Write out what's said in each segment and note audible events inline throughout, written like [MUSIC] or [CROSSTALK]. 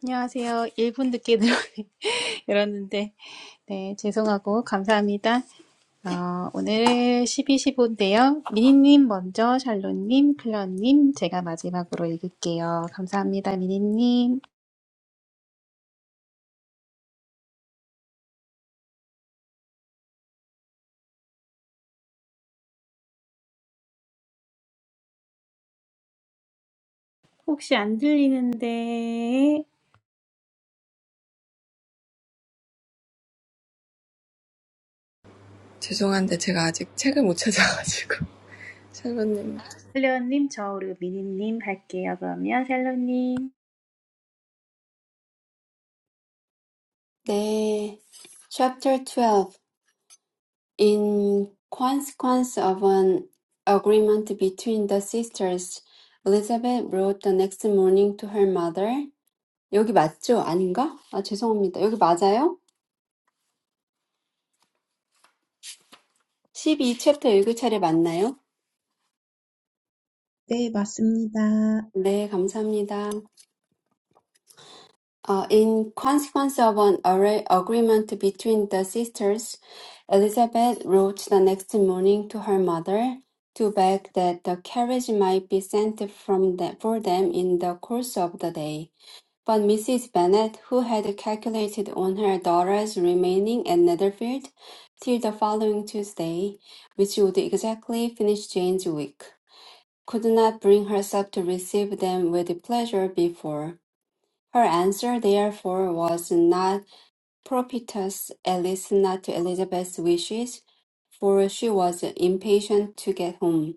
안녕하세요. 1분 늦게 들어 [LAUGHS] 열었는데 네, 죄송하고 감사합니다. 어, 오늘 12, 15인데요. 미니님 먼저, 샬롯님, 클런님, 제가 마지막으로 읽을게요. 감사합니다, 미니님. 혹시 안 들리는데 죄송한데 제가 아직 책을 못 찾아가지고 [LAUGHS] 샬롯님 클레어님, 저 그리고 미니님 할게요. 그러면 샬롯님, The Chapter 12 In consequence of an agreement between the sisters, Elizabeth wrote the next morning to her mother. 여기 맞죠? 아닌가? 아, 죄송합니다. 여기 맞아요? 십이 챕터 읽을 차례 맞나요? 네, 맞습니다. 네, 감사합니다. Uh, in consequence of an arra- agreement between the sisters, Elizabeth wrote the next morning to her mother to beg that the carriage might be sent from the- for them in the course of the day. But Mrs. Bennet, who had calculated on her daughter's remaining at Netherfield till the following Tuesday, which would exactly finish Jane's week, could not bring herself to receive them with pleasure before. Her answer, therefore, was not propitious, at least not to Elizabeth's wishes, for she was impatient to get home.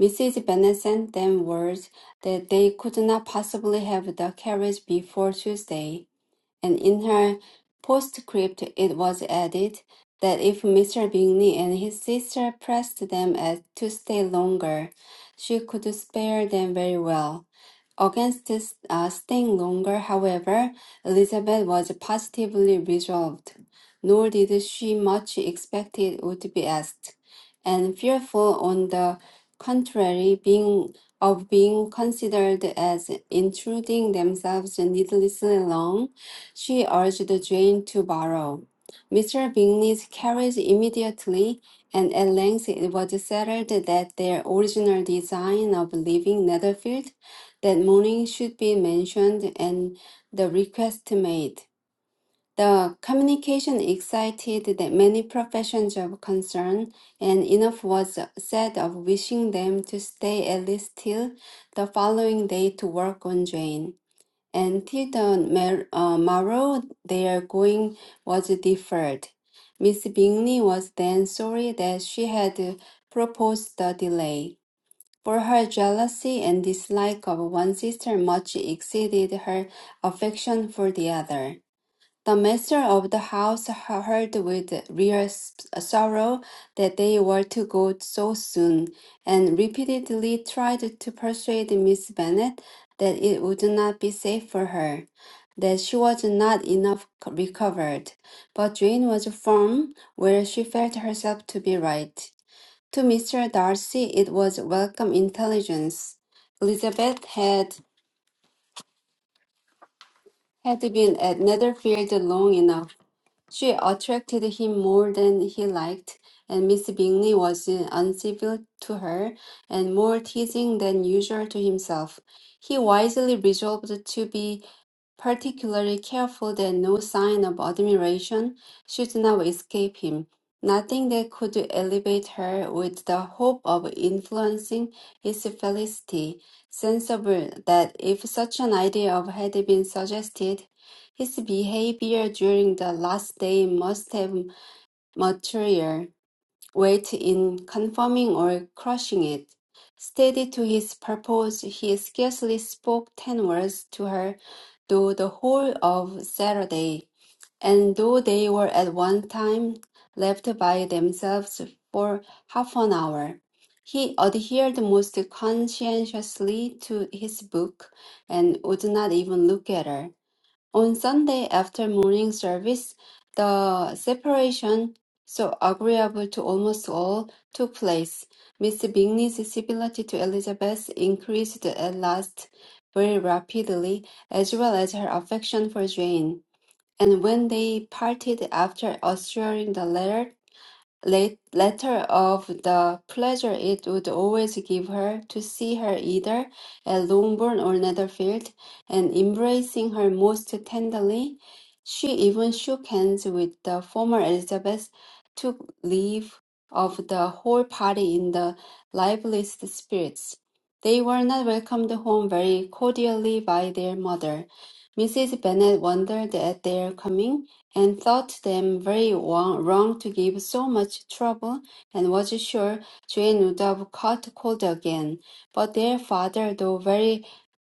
Mrs. Bennet sent them word that they could not possibly have the carriage before Tuesday, and in her postscript it was added that if Mr. Bingley and his sister pressed them at to stay longer, she could spare them very well. Against this uh, staying longer, however, Elizabeth was positively resolved, nor did she much expect it would be asked, and fearful, on the contrary, being of being considered as intruding themselves needlessly long, she urged Jane to borrow. Mr. Bingley's carriage immediately, and at length it was settled that their original design of leaving Netherfield that morning should be mentioned and the request made. The communication excited that many professions of concern, and enough was said of wishing them to stay at least till the following day to work on Jane. And till the mer- uh, morrow, their going was deferred. Miss Bingley was then sorry that she had proposed the delay. For her jealousy and dislike of one sister much exceeded her affection for the other. The master of the house heard with real sorrow that they were to go so soon, and repeatedly tried to persuade Miss Bennet that it would not be safe for her, that she was not enough recovered. But Jane was firm where she felt herself to be right. To Mr. Darcy, it was welcome intelligence. Elizabeth had had been at Netherfield long enough. She attracted him more than he liked, and Miss Bingley was uncivil to her and more teasing than usual to himself. He wisely resolved to be particularly careful that no sign of admiration should now escape him, nothing that could elevate her with the hope of influencing his felicity, sensible that if such an idea of had been suggested, his behavior during the last day must have material weight in confirming or crushing it. Steady to his purpose, he scarcely spoke ten words to her, through the whole of Saturday, and though they were at one time left by themselves for half an hour. He adhered most conscientiously to his book and would not even look at her. On Sunday after morning service, the separation, so agreeable to almost all, took place. Miss Bingley's civility to Elizabeth increased at last very rapidly, as well as her affection for Jane. And when they parted after assuring the latter late letter of the pleasure it would always give her to see her either at Longbourn or Netherfield, and embracing her most tenderly, she even shook hands with the former Elizabeth, took leave of the whole party in the liveliest spirits. They were not welcomed home very cordially by their mother. Mrs. Bennet wondered at their coming, and thought them very wa- wrong to give so much trouble, and was sure Jane would have caught cold again. But their father, though very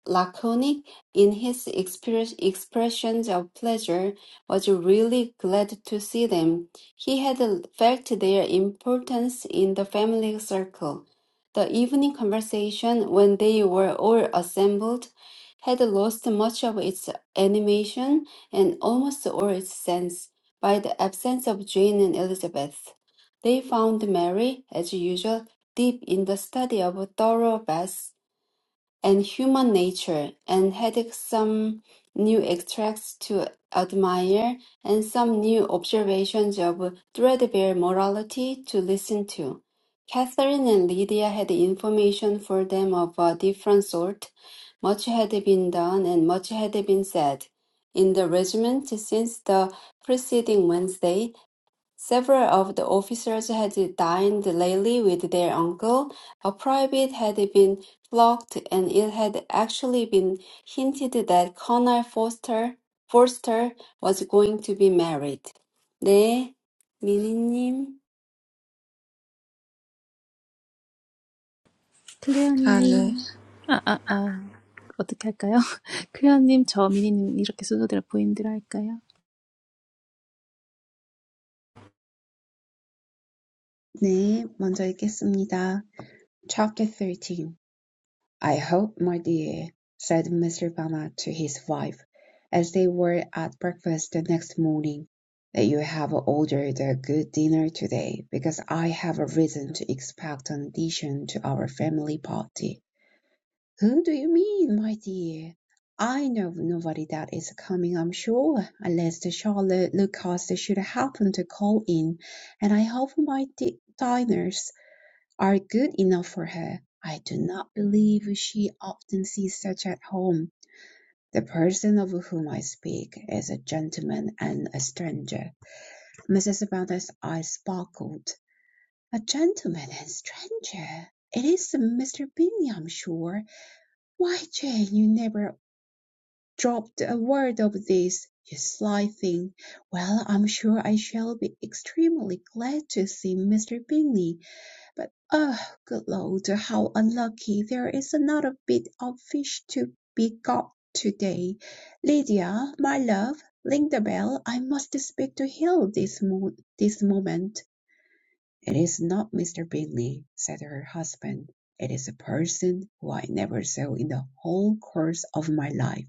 laconic in his expre- expressions of pleasure, was really glad to see them. He had felt their importance in the family circle. The evening conversation, when they were all assembled, had lost much of its animation and almost all its sense by the absence of Jane and Elizabeth. They found Mary, as usual, deep in the study of thoroughbreds and human nature, and had some new extracts to admire, and some new observations of threadbare morality to listen to. Catherine and Lydia had information for them of a different sort. Much had been done, and much had been said in the regiment since the preceding Wednesday, Several of the officers had dined lately with their uncle. A private had been flogged, and it had actually been hinted that Colonel Forster, Forster was going to be married. 네, 미니님. 아, 네. 클레어님, 아, 아, 아, 어떻게 할까요? [LAUGHS] 클레어님, 저 미니님 이렇게 순서대로 보인대로 할까요? 네, 먼저 읽겠습니다. Chapter 13. I hope, my dear, said Mr. Bama to his wife, as they were at breakfast the next morning, that you have ordered a good dinner today, because I have a reason to expect an addition to our family party. Who do you mean, my dear? I know nobody that is coming, I'm sure, unless the Charlotte Lucas should happen to call in, and I hope my di- diners are good enough for her. I do not believe she often sees such at home. The person of whom I speak is a gentleman and a stranger. Mrs. Bounder's eyes sparkled. A gentleman and stranger? It is Mr. Bingley, I'm sure. Why, Jane, you never dropped a word of this, you sly thing! Well, I'm sure I shall be extremely glad to see Mr. Bingley; but, oh, good Lord, how unlucky there is not a bit of fish to be got to-day! Lydia, my love, ring the bell. I must speak to Hill this mo- this moment." "It is not Mr. Bingley," said her husband. "It is a person who I never saw in the whole course of my life.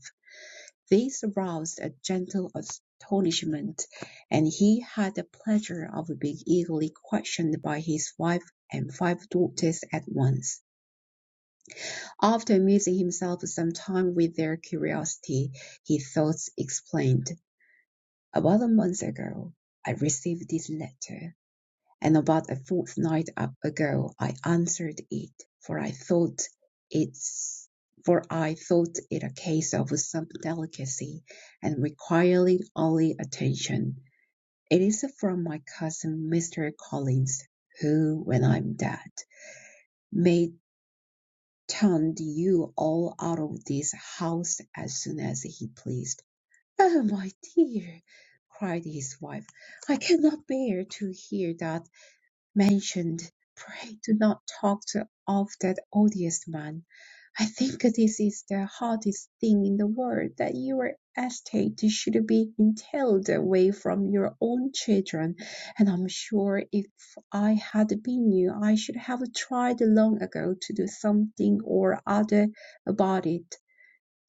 This aroused a gentle astonishment, and he had the pleasure of being eagerly questioned by his wife and five daughters at once. After amusing himself some time with their curiosity, he thus explained, About a month ago I received this letter and about a fortnight a- ago I answered it, for I thought it's for I thought it a case of some delicacy and requiring only attention. It is from my cousin Mr. Collins, who, when I'm dead, may turn you all out of this house as soon as he pleased. Oh, my dear, cried his wife, I cannot bear to hear that mentioned, Pray do not talk to, of that odious man. I think this is the hardest thing in the world that your estate should be entailed away from your own children, and I'm sure if I had been you, I should have tried long ago to do something or other about it.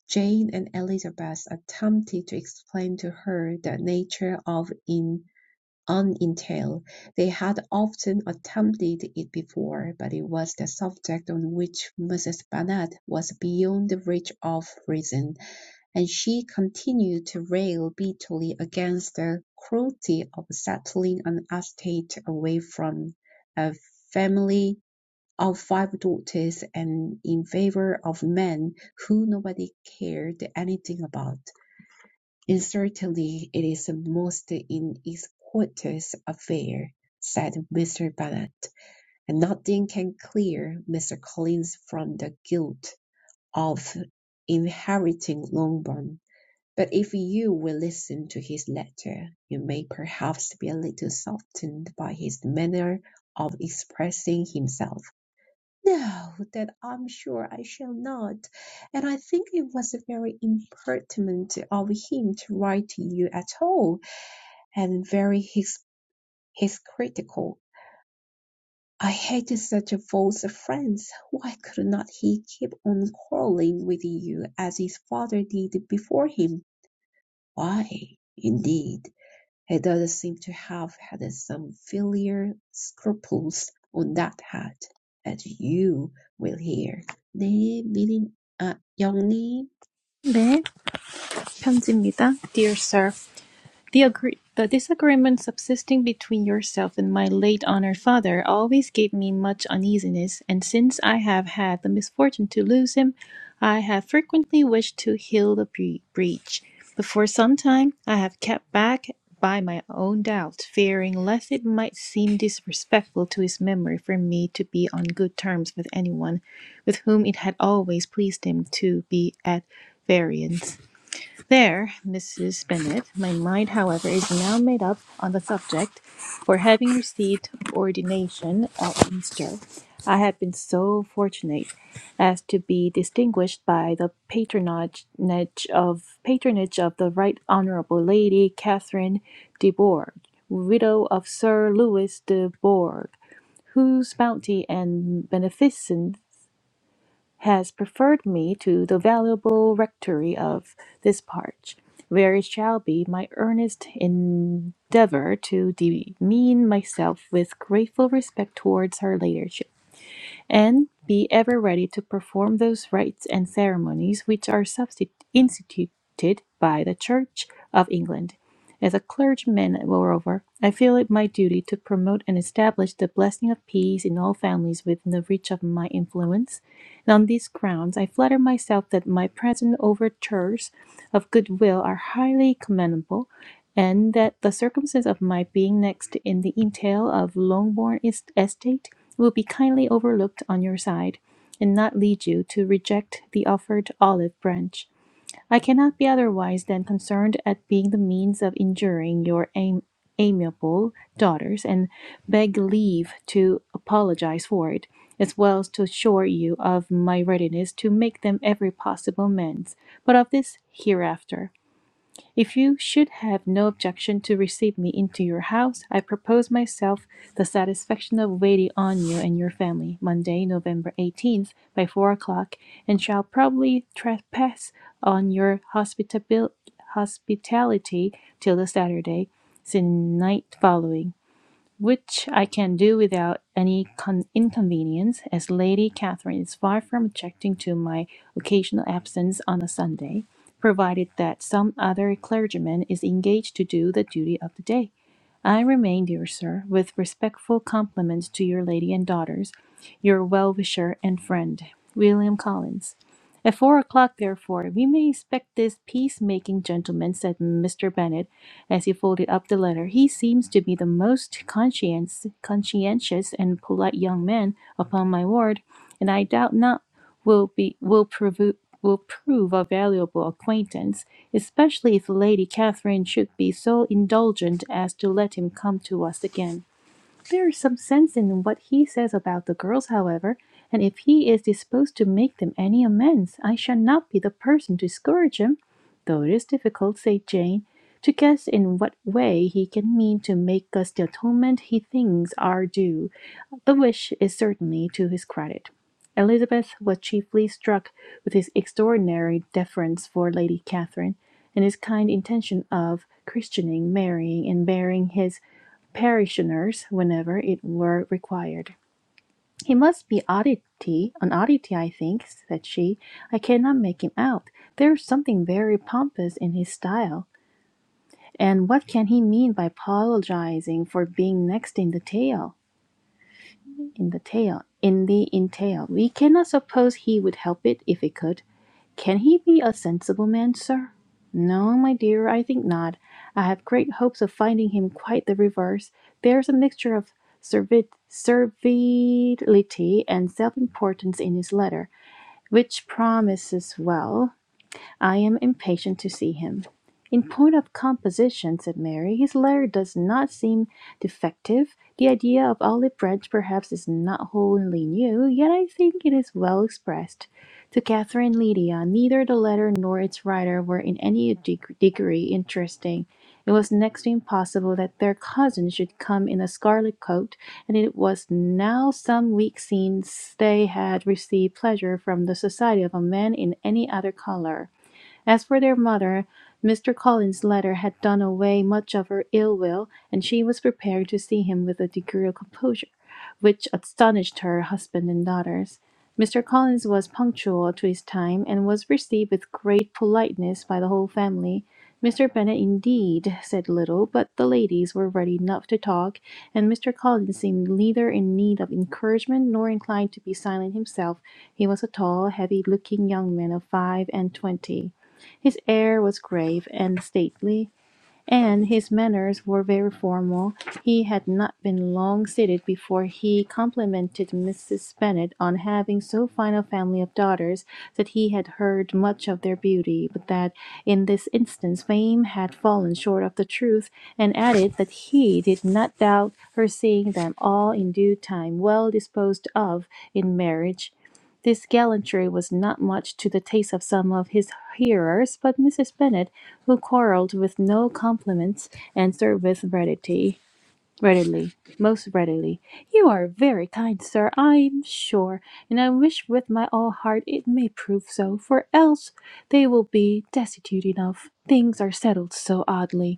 Jane and Elizabeth attempted to explain to her the nature of in on Intel. They had often attempted it before, but it was the subject on which Mrs. Bennet was beyond the reach of reason, and she continued to rail bitterly against the cruelty of settling an estate away from a family of five daughters and in favour of men who nobody cared anything about. And certainly it is a most iniquitous affair, said Mr. Bennet, and nothing can clear Mr. Collins from the guilt of inheriting Longbourn. But if you will listen to his letter, you may perhaps be a little softened by his manner of expressing himself. No, that I'm sure I shall not. And I think it was very impertinent of him to write to you at all, and very his his critical. I hated such false friends. Why could not he keep on quarrelling with you as his father did before him? Why, indeed? He does seem to have had some filial scruples on that head, as you will hear. 네, 미리, 아, 영님. 네. 편지입니다. Dear Sir, the, agree- the disagreement subsisting between yourself and my late honored father always gave me much uneasiness, and since I have had the misfortune to lose him, I have frequently wished to heal the bre- breach. But for some time I have kept back by my own doubt, fearing lest it might seem disrespectful to his memory for me to be on good terms with anyone with whom it had always pleased him to be at variance. There, Mrs. Bennet, my mind, however, is now made up on the subject, for having received ordination at Easter, I have been so fortunate as to be distinguished by the patronage of patronage of the Right Honourable Lady Catherine de Bourgh, widow of Sir Louis de Bourgh, whose bounty and beneficence has preferred me to the valuable rectory of this part, where it shall be my earnest endeavour to demean myself with grateful respect towards her ladyship and be ever ready to perform those rites and ceremonies which are substi- instituted by the Church of England. As a clergyman, moreover, I feel it my duty to promote and establish the blessing of peace in all families within the reach of my influence. And on these grounds, I flatter myself that my present overtures of goodwill are highly commendable and that the circumstance of my being next in the entail of Longbourn estate will be kindly overlooked on your side, and not lead you to reject the offered olive branch. I cannot be otherwise than concerned at being the means of injuring your aim- amiable daughters, and beg leave to apologize for it, as well as to assure you of my readiness to make them every possible amends, but of this hereafter. If you should have no objection to receive me into your house, I propose myself the satisfaction of waiting on you and your family Monday, November 18th by four o'clock, and shall probably trespass on your hospitabil- hospitality till the Saturday, the night following which I can do without any con- inconvenience, as Lady Catherine is far from objecting to my occasional absence on a Sunday, provided that some other clergyman is engaged to do the duty of the day. I remain, dear sir, with respectful compliments to your lady and daughters, your well wisher and friend, William Collins. At four o'clock, therefore, we may expect this peace-making gentleman, said Mr. Bennet, as he folded up the letter. He seems to be the most conscience, conscientious and polite young man, upon my word, and I doubt not will be will prove will prove a valuable acquaintance, especially if Lady Catherine should be so indulgent as to let him come to us again. There is some sense in what he says about the girls, however, and if he is disposed to make them any amends, I shall not be the person to discourage him, though it is difficult, said Jane, to guess in what way he can mean to make us the atonement he thinks our due. The wish is certainly to his credit. Elizabeth was chiefly struck with his extraordinary deference for Lady Catherine, and his kind intention of christening, marrying, and bearing his parishioners whenever it were required. He must be oddity, an oddity, I think, said she. I cannot make him out. There is something very pompous in his style. And what can he mean by apologizing for being next in the tail? in the tail in the entail. We cannot suppose he would help it if he could. Can he be a sensible man, sir? No, my dear, I think not. I have great hopes of finding him quite the reverse. There's a mixture of servid- servility and self-importance in his letter, which promises well. I am impatient to see him. In point of composition, said Mary, his letter does not seem defective. The idea of olive branch perhaps is not wholly new, yet I think it is well expressed. To Catherine Lydia, neither the letter nor its writer were in any deg- degree interesting. It was next to impossible that their cousin should come in a scarlet coat, and it was now some weeks since they had received pleasure from the society of a man in any other color. As for their mother, Mr. Collins's letter had done away much of her ill will, and she was prepared to see him with a degree of composure which astonished her husband and daughters. Mr. Collins was punctual to his time, and was received with great politeness by the whole family. Mr. Bennet, indeed, said little, but the ladies were ready enough to talk, and Mr. Collins seemed neither in need of encouragement nor inclined to be silent himself. He was a tall, heavy looking young man of five and twenty. His air was grave and stately, and his manners were very formal. He had not been long seated before he complimented Mrs. Bennet on having so fine a family of daughters that he had heard much of their beauty, but that in this instance fame had fallen short of the truth, and added that he did not doubt her seeing them all in due time well disposed of in marriage, this gallantry was not much to the taste of some of his hearers, but Mrs. Bennet, who quarrelled with no compliments, answered with readily, readily, most readily, "You are very kind, sir, I'm sure, and I wish with my all heart it may prove so, for else they will be destitute enough. Things are settled so oddly.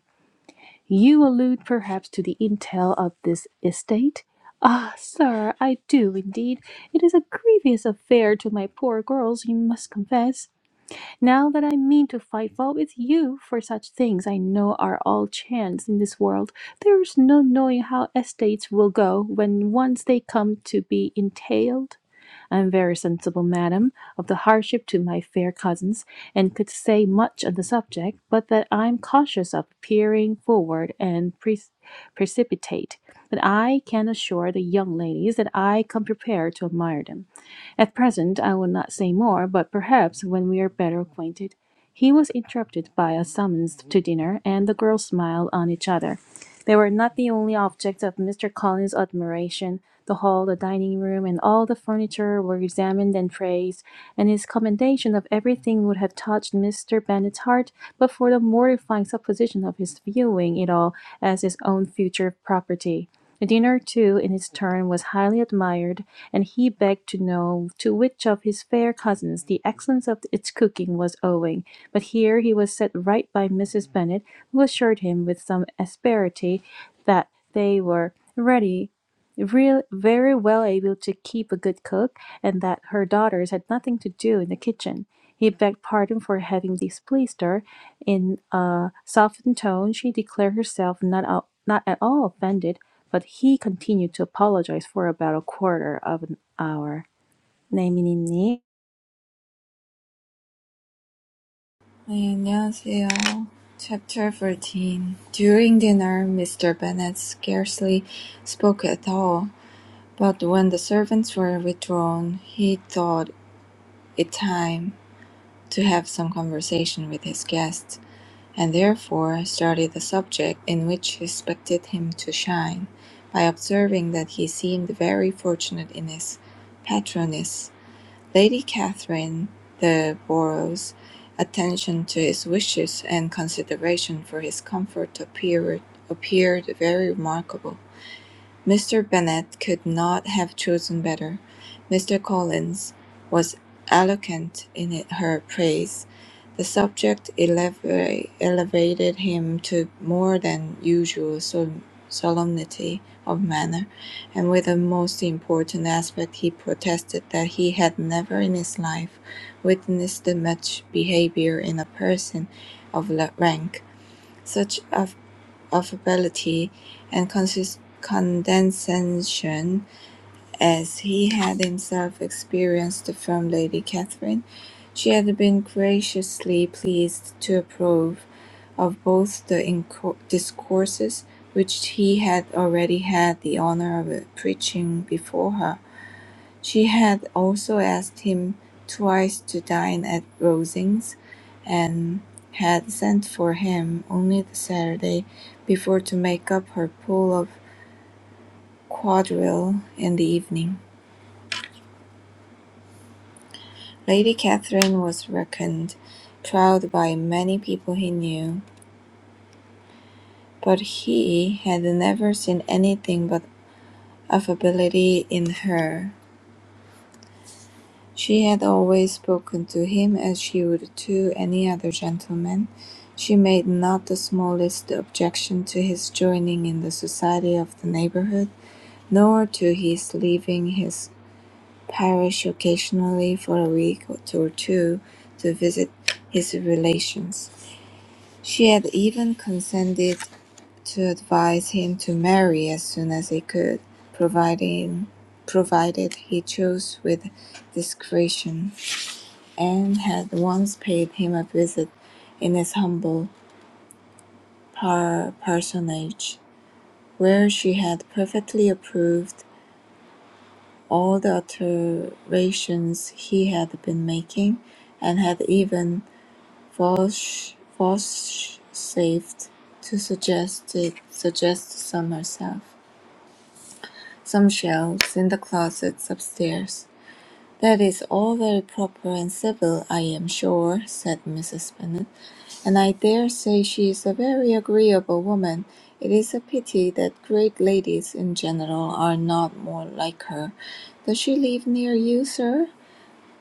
You allude perhaps to the intel of this estate? Ah, sir, I do indeed. It is a grievous affair to my poor girls, you must confess. Now that I mean to fight well with you for such things I know are all chance in this world, there is no knowing how estates will go when once they come to be entailed. I am very sensible, madam, of the hardship to my fair cousins, and could say much on the subject, but that I am cautious of peering forward and pre- precipitate, that I can assure the young ladies that I come prepared to admire them. At present I will not say more, but perhaps when we are better acquainted." He was interrupted by a summons to dinner, and the girls smiled on each other. They were not the only objects of Mr. Collins's admiration. The hall, the dining room, and all the furniture were examined and praised, and his commendation of everything would have touched Mr. Bennet's heart but for the mortifying supposition of his viewing it all as his own future property. Dinner, too, in his turn, was highly admired, and he begged to know to which of his fair cousins the excellence of its cooking was owing; but here he was set right by Mrs. Bennet, who assured him, with some asperity, that they were ready real, very well able to keep a good cook, and that her daughters had nothing to do in the kitchen. He begged pardon for having displeased her. In a softened tone, she declared herself not, a- not at all offended, but he continued to apologize for about a quarter of an hour. 네, 미니님. 네, 안녕하세요. Chapter 14 During dinner, Mr. Bennet scarcely spoke at all, but when the servants were withdrawn, he thought it time to have some conversation with his guest, and therefore started the subject in which he expected him to shine, by observing that he seemed very fortunate in his patroness, Lady Catherine the Borough's attention to his wishes and consideration for his comfort appeared appeared very remarkable. Mr. Bennet could not have chosen better. Mr. Collins was eloquent in her praise. The subject eleva- elevated him to more than usual sol- solemnity of manner, and with a most important aspect he protested that he had never in his life witnessed much behaviour in a person of la- rank. Such a of ability and consis- condescension as he had himself experienced from Lady Catherine. She had been graciously pleased to approve of both the inco- discourses which he had already had the honour of preaching before her she had also asked him twice to dine at Rosings, and had sent for him only the Saturday before to make up her pool of quadrille in the evening. Lady Catherine was reckoned proud by many people he knew, but he had never seen anything but affability in her. She had always spoken to him as she would to any other gentleman; she made not the smallest objection to his joining in the society of the neighbourhood, nor to his leaving his parish occasionally for a week or two to visit his relations. She had even condescended to advise him to marry as soon as he could, providing provided he chose with discretion. Anne had once paid him a visit in his humble par- parsonage, where she had perfectly approved all the alterations he had been making, and had even fors- vouchsafed to suggest, it, suggest some herself, some shelves in the closets upstairs. "That is all very proper and civil, I am sure," said Mrs. Bennet, "and I dare say she is a very agreeable woman. It is a pity that great ladies in general are not more like her. Does she live near you, sir?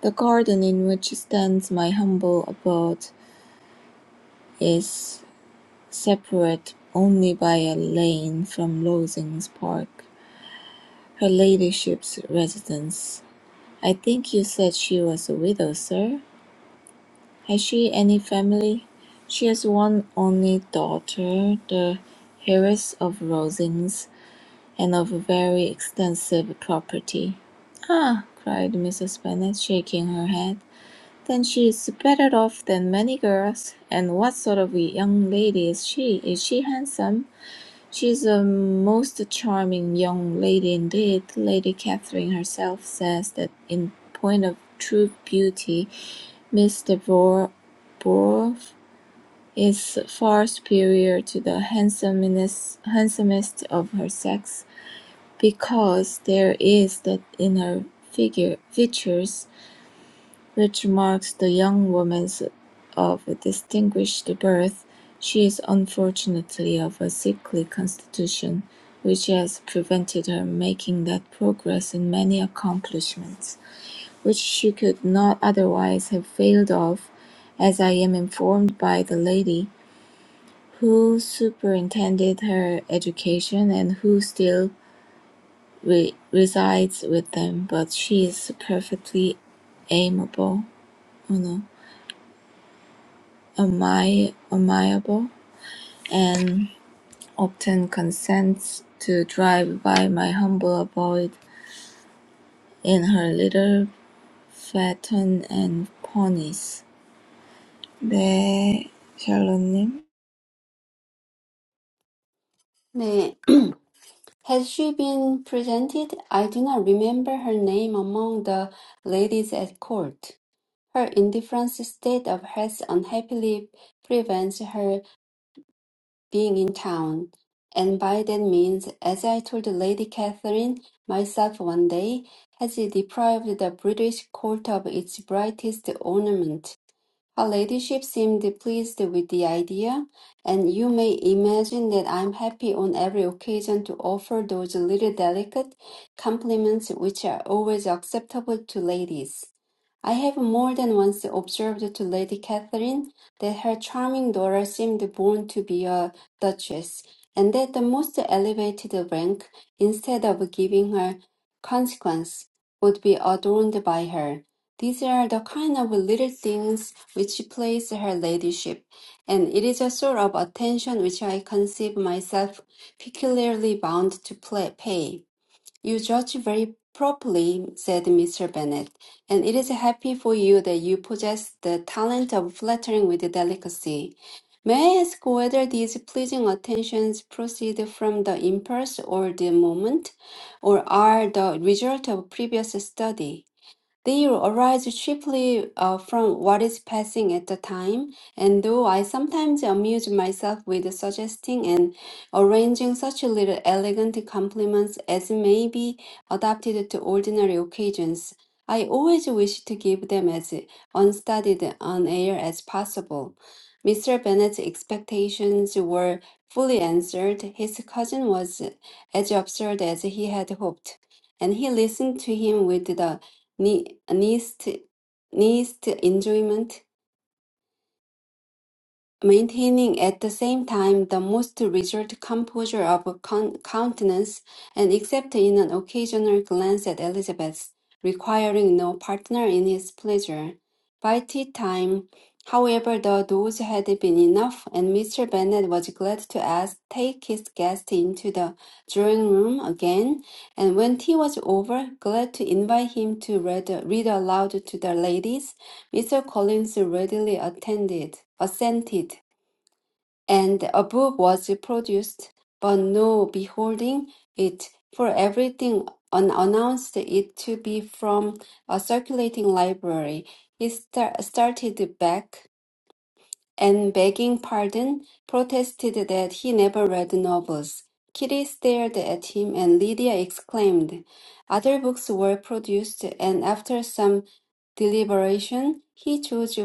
The garden in which stands my humble abode is separate only by a lane from Rosings Park, her ladyship's residence. I think you said she was a widow, sir?" Has she any family? She has one only daughter, the heiress of Rosings, and of very extensive property. Ah, cried Mrs. Bennet, shaking her head. Then she is better off than many girls. And what sort of a young lady is she? Is she handsome? She is a most charming young lady indeed. Lady Catherine herself says that in point of true beauty, Miss de Bourgh is far superior to the handsomeness, handsomest of her sex, because there is that in her figure features which marks the young woman's of distinguished birth. She is unfortunately of a sickly constitution, which has prevented her making that progress in many accomplishments which she could not otherwise have failed of, as I am informed by the lady who superintended her education and who still re- resides with them, but she is perfectly amiable, oh no, ami- amiable, and often consents to drive by my humble abode in her little phaeton and ponies. 네, 샬롯님. 네. [CLEARS THROAT] Has she been presented? I do not remember her name among the ladies at court. Her indifferent state of health unhappily prevents her being in town, and by that means, as I told Lady Catherine myself one day, has deprived the British court of its brightest ornament. Her ladyship seemed pleased with the idea, and you may imagine that I'm happy on every occasion to offer those little delicate compliments which are always acceptable to ladies. I have more than once observed to Lady Catherine that her charming daughter seemed born to be a duchess, and that the most elevated rank, instead of giving her consequence, would be adorned by her. These are the kind of little things which please her ladyship, and it is a sort of attention which I conceive myself peculiarly bound to pla pay. You judge very properly, said Mr. Bennet, and it is happy for you that you possess the talent of flattering with delicacy. May I ask whether these pleasing attentions proceed from the impulse or the moment, or are the result of previous study? They arise chiefly uh, from what is passing at the time, and though I sometimes amuse myself with suggesting and arranging such little elegant compliments as may be adapted to ordinary occasions, I always wish to give them as unstudied on air as possible. Mr. Bennet's expectations were fully answered. His cousin was as absurd as he had hoped, and he listened to him with the ne- needs needs enjoyment, maintaining at the same time the most reserved composure of con- countenance, and except in an occasional glance at Elizabeth, requiring no partner in his pleasure. By tea time, however, the dose had been enough, and Mr. Bennet was glad to ask take his guest into the drawing room again and when tea was over, glad to invite him to read, read aloud to the ladies, Mr. Collins readily attended, assented, and a book was produced, but no beholding it, for everything un- announced it to be from a circulating library. He sta- started back and begging pardon, protested that he never read novels. Kitty stared at him, and Lydia exclaimed. Other books were produced, and after some deliberation, he chose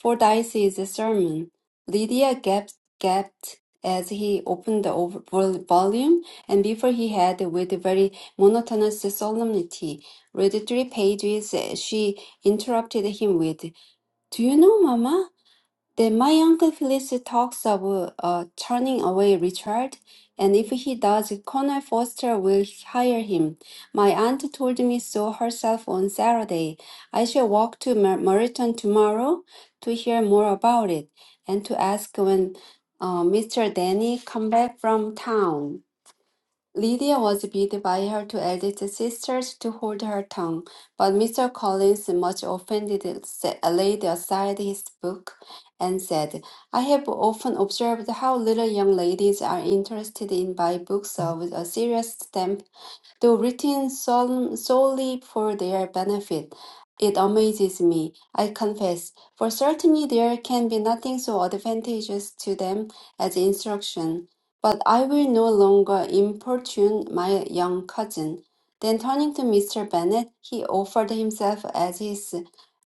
Fordyce's sermon. Lydia gap- gasped as he opened the ov- vol- volume, and before he had, with very monotonous solemnity, read three pages, she interrupted him with, Do you know, Mama? Then my uncle Felix talks of uh, turning away Richard, and if he does, Colonel Foster will hire him. My aunt told me so herself on Saturday. I shall walk to Mar- Meryton tomorrow to hear more about it and to ask when uh, Mr. Danny come back from town. Lydia was bid by her two eldest sisters to hold her tongue, but Mr. Collins, much offended, sa- laid aside his book and said, I have often observed how little young ladies are interested in by books of a serious stamp though written sol- solely for their benefit. It amazes me, I confess, for certainly there can be nothing so advantageous to them as instruction. But I will no longer importune my young cousin. Then turning to Mr. Bennet, he offered himself as his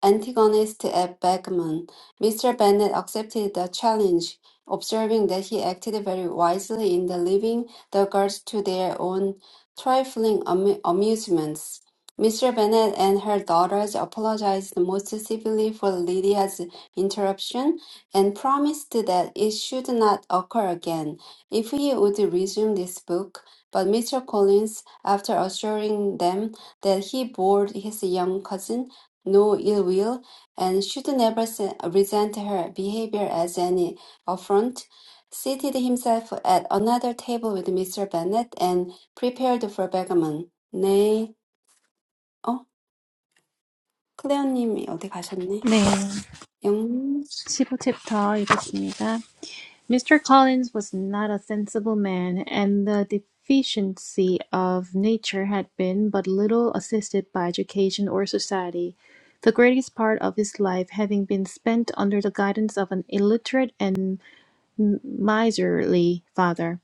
antagonist at Beckman, Mr. Bennet accepted the challenge, observing that he acted very wisely in the leaving the girls to their own trifling amu- amusements. Mr. Bennet and her daughters apologized most severely for Lydia's interruption and promised that it should not occur again if he would resume this book. But Mr. Collins, after assuring them that he bored his young cousin, no ill will, and should never se- resent her behavior as any affront, seated himself at another table with Mr. Bennet and prepared for Beckerman. 네, 어, 클레어님이 어디 가셨네? 네. 영. 15챕터 읽었습니다. Mr. Collins was not a sensible man, and the deficiency of nature had been but little assisted by education or society, the greatest part of his life having been spent under the guidance of an illiterate and miserly father.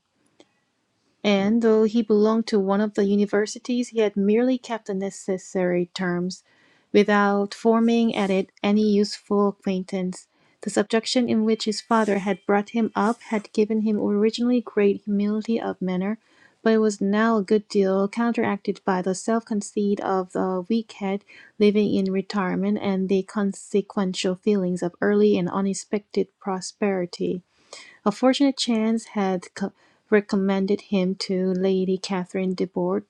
And though he belonged to one of the universities, he had merely kept the necessary terms without forming at it any useful acquaintance. The subjection in which his father had brought him up had given him originally great humility of manner, but it was now a good deal counteracted by the self conceit of the weak head living in retirement and the consequential feelings of early and unexpected prosperity. A fortunate chance had co- recommended him to Lady Catherine de Bourgh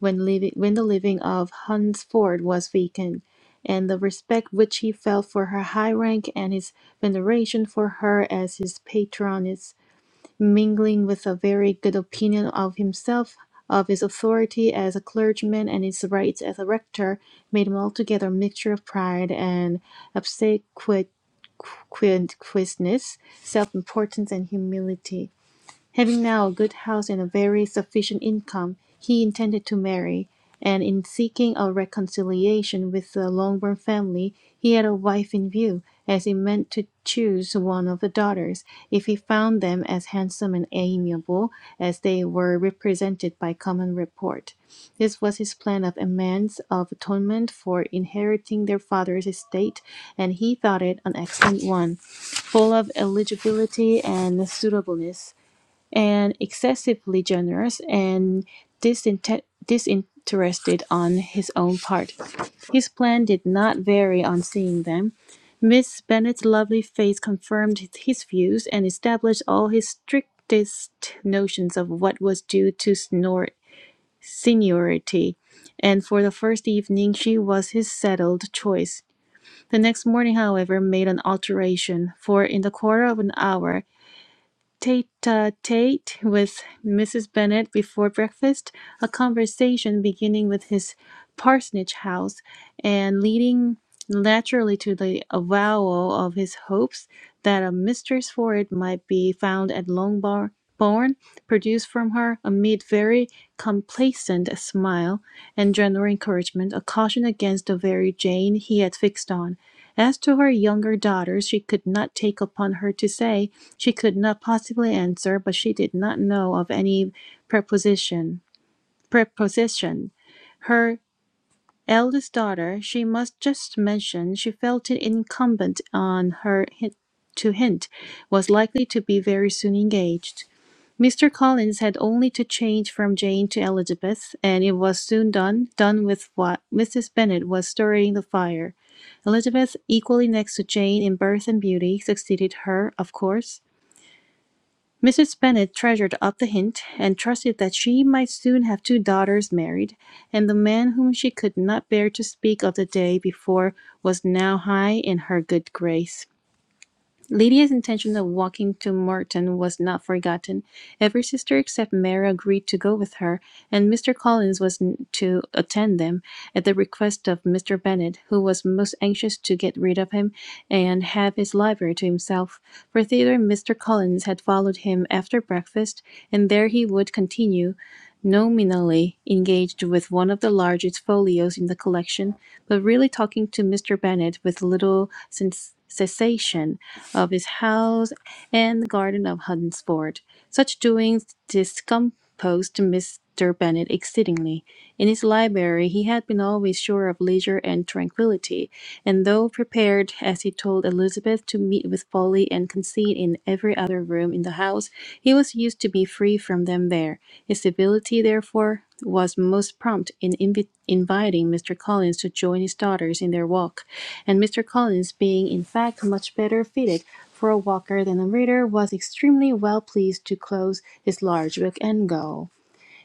when, living, when the living of Hunsford was vacant, and the respect which he felt for her high rank and his veneration for her as his patroness mingling with a very good opinion of himself, of his authority as a clergyman and his rights as a rector, made him altogether a mixture of pride and obsequiousness, self importance, and humility. Having now a good house and a very sufficient income, he intended to marry, and in seeking a reconciliation with the Longbourn family, he had a wife in view, as he meant to choose one of the daughters, if he found them as handsome and amiable as they were represented by common report. This was his plan of amends of atonement for inheriting their father's estate, and he thought it an excellent one, full of eligibility and suitableness and excessively generous and disinte- disinterested on his own part. His plan did not vary on seeing them. Miss Bennet's lovely face confirmed his views and established all his strictest notions of what was due to snor- seniority, and for the first evening she was his settled choice. The next morning, however, made an alteration, for in the quarter of an hour tete-a-tete with Mrs. Bennet before breakfast, a conversation beginning with his parsonage house and leading naturally to the avowal of his hopes that a mistress for it might be found at Longbourn, produced from her, amid very complacent smile and general encouragement, a caution against the very Jane he had fixed on. As to her younger daughters, she could not take upon her to say. She could not possibly answer, but she did not know of any preposition. Preposition. Her eldest daughter, she must just mention she felt it incumbent on her hint, to hint, was likely to be very soon engaged. Mr. Collins had only to change from Jane to Elizabeth, and it was soon done, done with what Mrs. Bennet was stirring the fire. Elizabeth, equally next to Jane in birth and beauty, succeeded her, of course, Mrs. Bennet treasured up the hint, and trusted that she might soon have two daughters married, and the man whom she could not bear to speak of the day before was now high in her good grace. Lydia's intention of walking to Morton was not forgotten. Every sister except Mary agreed to go with her, and Mr. Collins was to attend them at the request of Mr. Bennet, who was most anxious to get rid of him and have his library to himself. For thither Mr. Collins had followed him after breakfast, and there he would continue, nominally engaged with one of the largest folios in the collection, but really talking to Mr. Bennet with little since cessation of his house and garden of Hunsford. Such doings discomposed Miss Mr. Bennet exceedingly. In his library he had been always sure of leisure and tranquillity; and though prepared, as he told Elizabeth, to meet with folly and conceit in every other room in the house, he was used to be free from them there. His civility, therefore, was most prompt in invi- inviting Mr. Collins to join his daughters in their walk; and Mr. Collins, being in fact much better fitted for a walker than a reader, was extremely well pleased to close his large book and go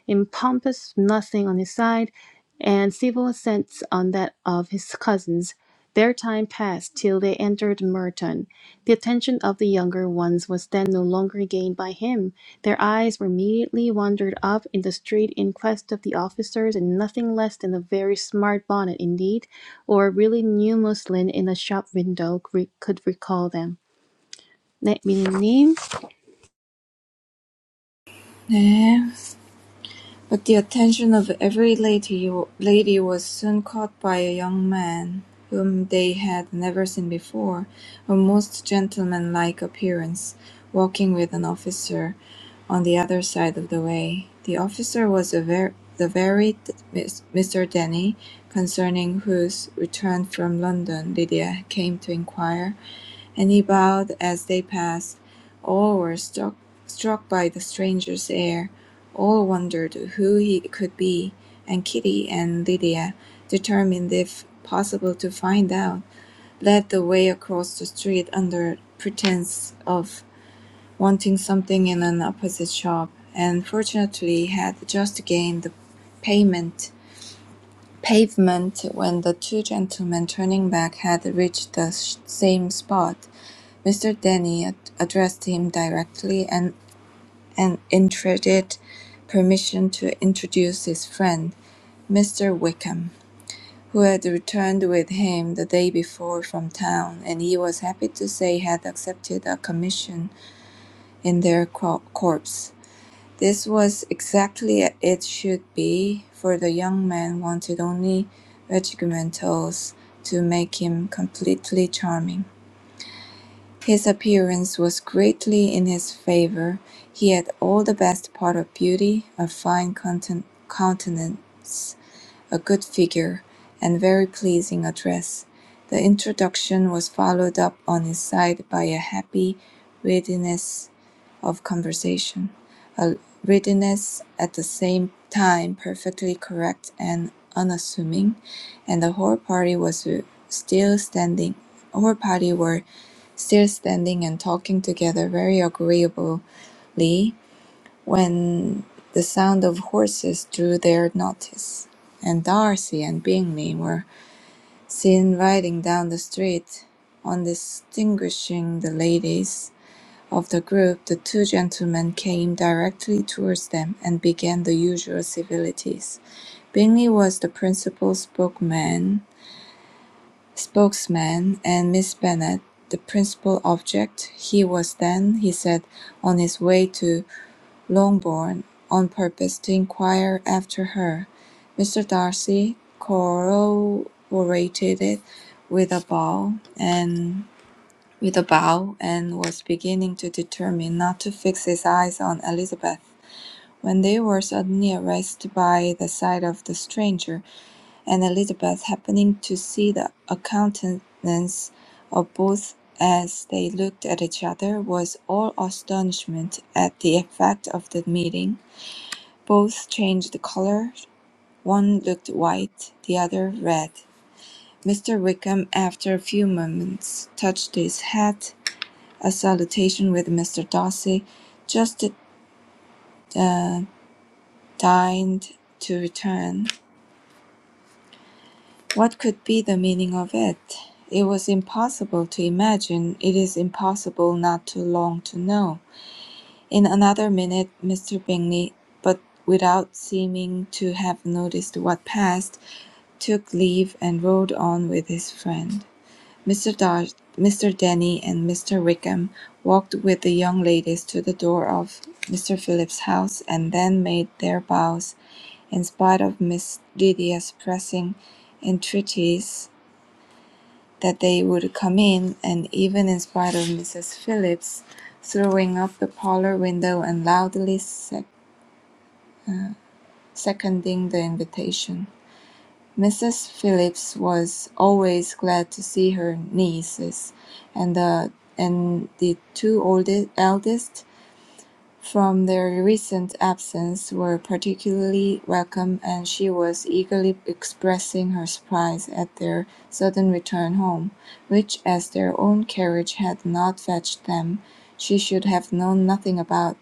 in pompous nothing on his side, and civil assents on that of his cousins. Their time passed till they entered Merton. The attention of the younger ones was then no longer gained by him. Their eyes were immediately wandered up in the street in quest of the officers, and nothing less than a very smart bonnet indeed, or really new muslin in a shop window re- could recall them. 네, 미니님. 네, But the attention of every lady lady was soon caught by a young man, whom they had never seen before, of most gentlemanlike appearance, walking with an officer on the other side of the way. The officer was a ver- the very Mr. Denny, concerning whose return from London Lydia came to inquire, and he bowed as they passed. All were struck, struck by the stranger's air. All wondered who he could be, and Kitty and Lydia, determined if possible to find out, led the way across the street under pretense of wanting something in an opposite shop, and fortunately had just gained the payment pavement when the two gentlemen turning back had reached the same spot. Mr. Denny ad- addressed him directly and and entreated permission to introduce his friend, Mr. Wickham, who had returned with him the day before from town, and he was happy to say had accepted a commission in their corps. This was exactly as it should be, for the young man wanted only regimentals to make him completely charming. His appearance was greatly in his favour; he had all the best part of beauty, a fine countenance, a good figure, and very pleasing address. The introduction was followed up on his side by a happy readiness of conversation, a readiness at the same time perfectly correct and unassuming, and the whole party was still standing. Whole party were still standing and talking together very agreeably when the sound of horses drew their notice, and Darcy and Bingley were seen riding down the street, on distinguishing the ladies of the group, the two gentlemen came directly towards them, and began the usual civilities. Bingley was the principal spokesman, spokesman, and Miss Bennet the principal object. He was then, he said, on his way to Longbourn on purpose to inquire after her. Mr. Darcy corroborated it with a bow, and with a bow, and was beginning to determine not to fix his eyes on Elizabeth, when they were suddenly arrested by the sight of the stranger, and Elizabeth happening to see the a countenance of both as they looked at each other, was all astonishment at the effect of the meeting. Both changed colour, one looked white, the other red. Mr. Wickham, after a few moments, touched his hat a salutation with Mr. Darcy, just uh, deigned to return. What could be the meaning of it? It was impossible to imagine. It is impossible not to long to know. In another minute, Mr. Bingley, but without seeming to have noticed what passed, took leave and rode on with his friend. Mr. Dodge, Mr. Denny, and Mr. Wickham walked with the young ladies to the door of Mr. Phillips's house, and then made their bows, in spite of Miss Lydia's pressing entreaties that they would come in, and even in spite of Mrs. Phillips throwing up the parlour window and loudly sec- seconding the invitation. Mrs. Phillips was always glad to see her nieces, and the and the two oldest, eldest, from their recent absence, were particularly welcome, and she was eagerly expressing her surprise at their sudden return home, which, as their own carriage had not fetched them, she should have known nothing about.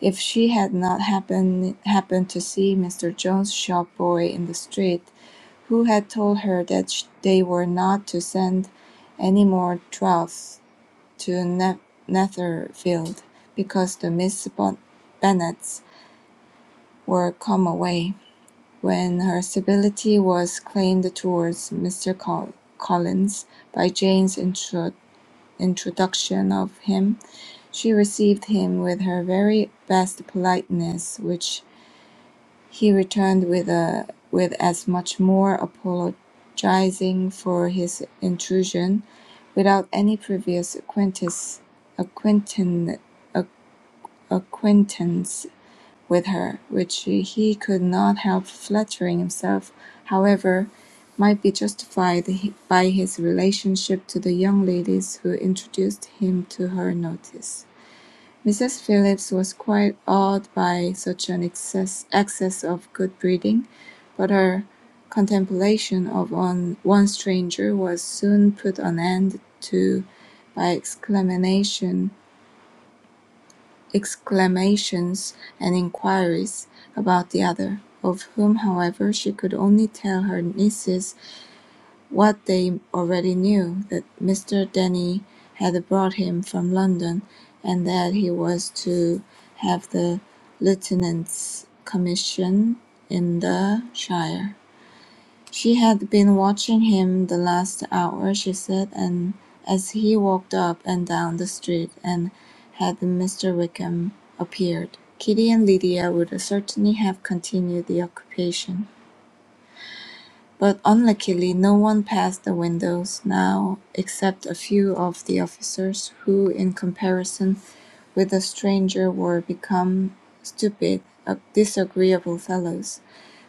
If she had not happen happened to see Mr. Jones's shop boy in the street, who had told her that sh- they were not to send any more drafts to ne- Netherfield because the Miss Bon- Bennets were come away, when her civility was claimed towards Mr. Col- Collins by Jane's intro- introduction of him, she received him with her very best politeness, which He returned with a with as much more apologizing for his intrusion, without any previous acquaintance acquaintance acquaintance with her, which he could not help flattering himself, however, might be justified by his relationship to the young ladies who introduced him to her notice. Mrs. Phillips was quite awed by such an excess, excess of good breeding, but her contemplation of one, one stranger was soon put an end to by exclamation, exclamations and inquiries about the other, of whom, however, she could only tell her nieces what they already knew, that Mr. Denny had brought him from London, and that he was to have the lieutenant's commission in the shire. She had been watching him the last hour, she said, and as he walked up and down the street, and had Mr. Wickham appeared, Kitty and Lydia would certainly have continued the occupation. But unluckily no one passed the windows now except a few of the officers who, in comparison with the stranger, were become stupid, uh, disagreeable fellows.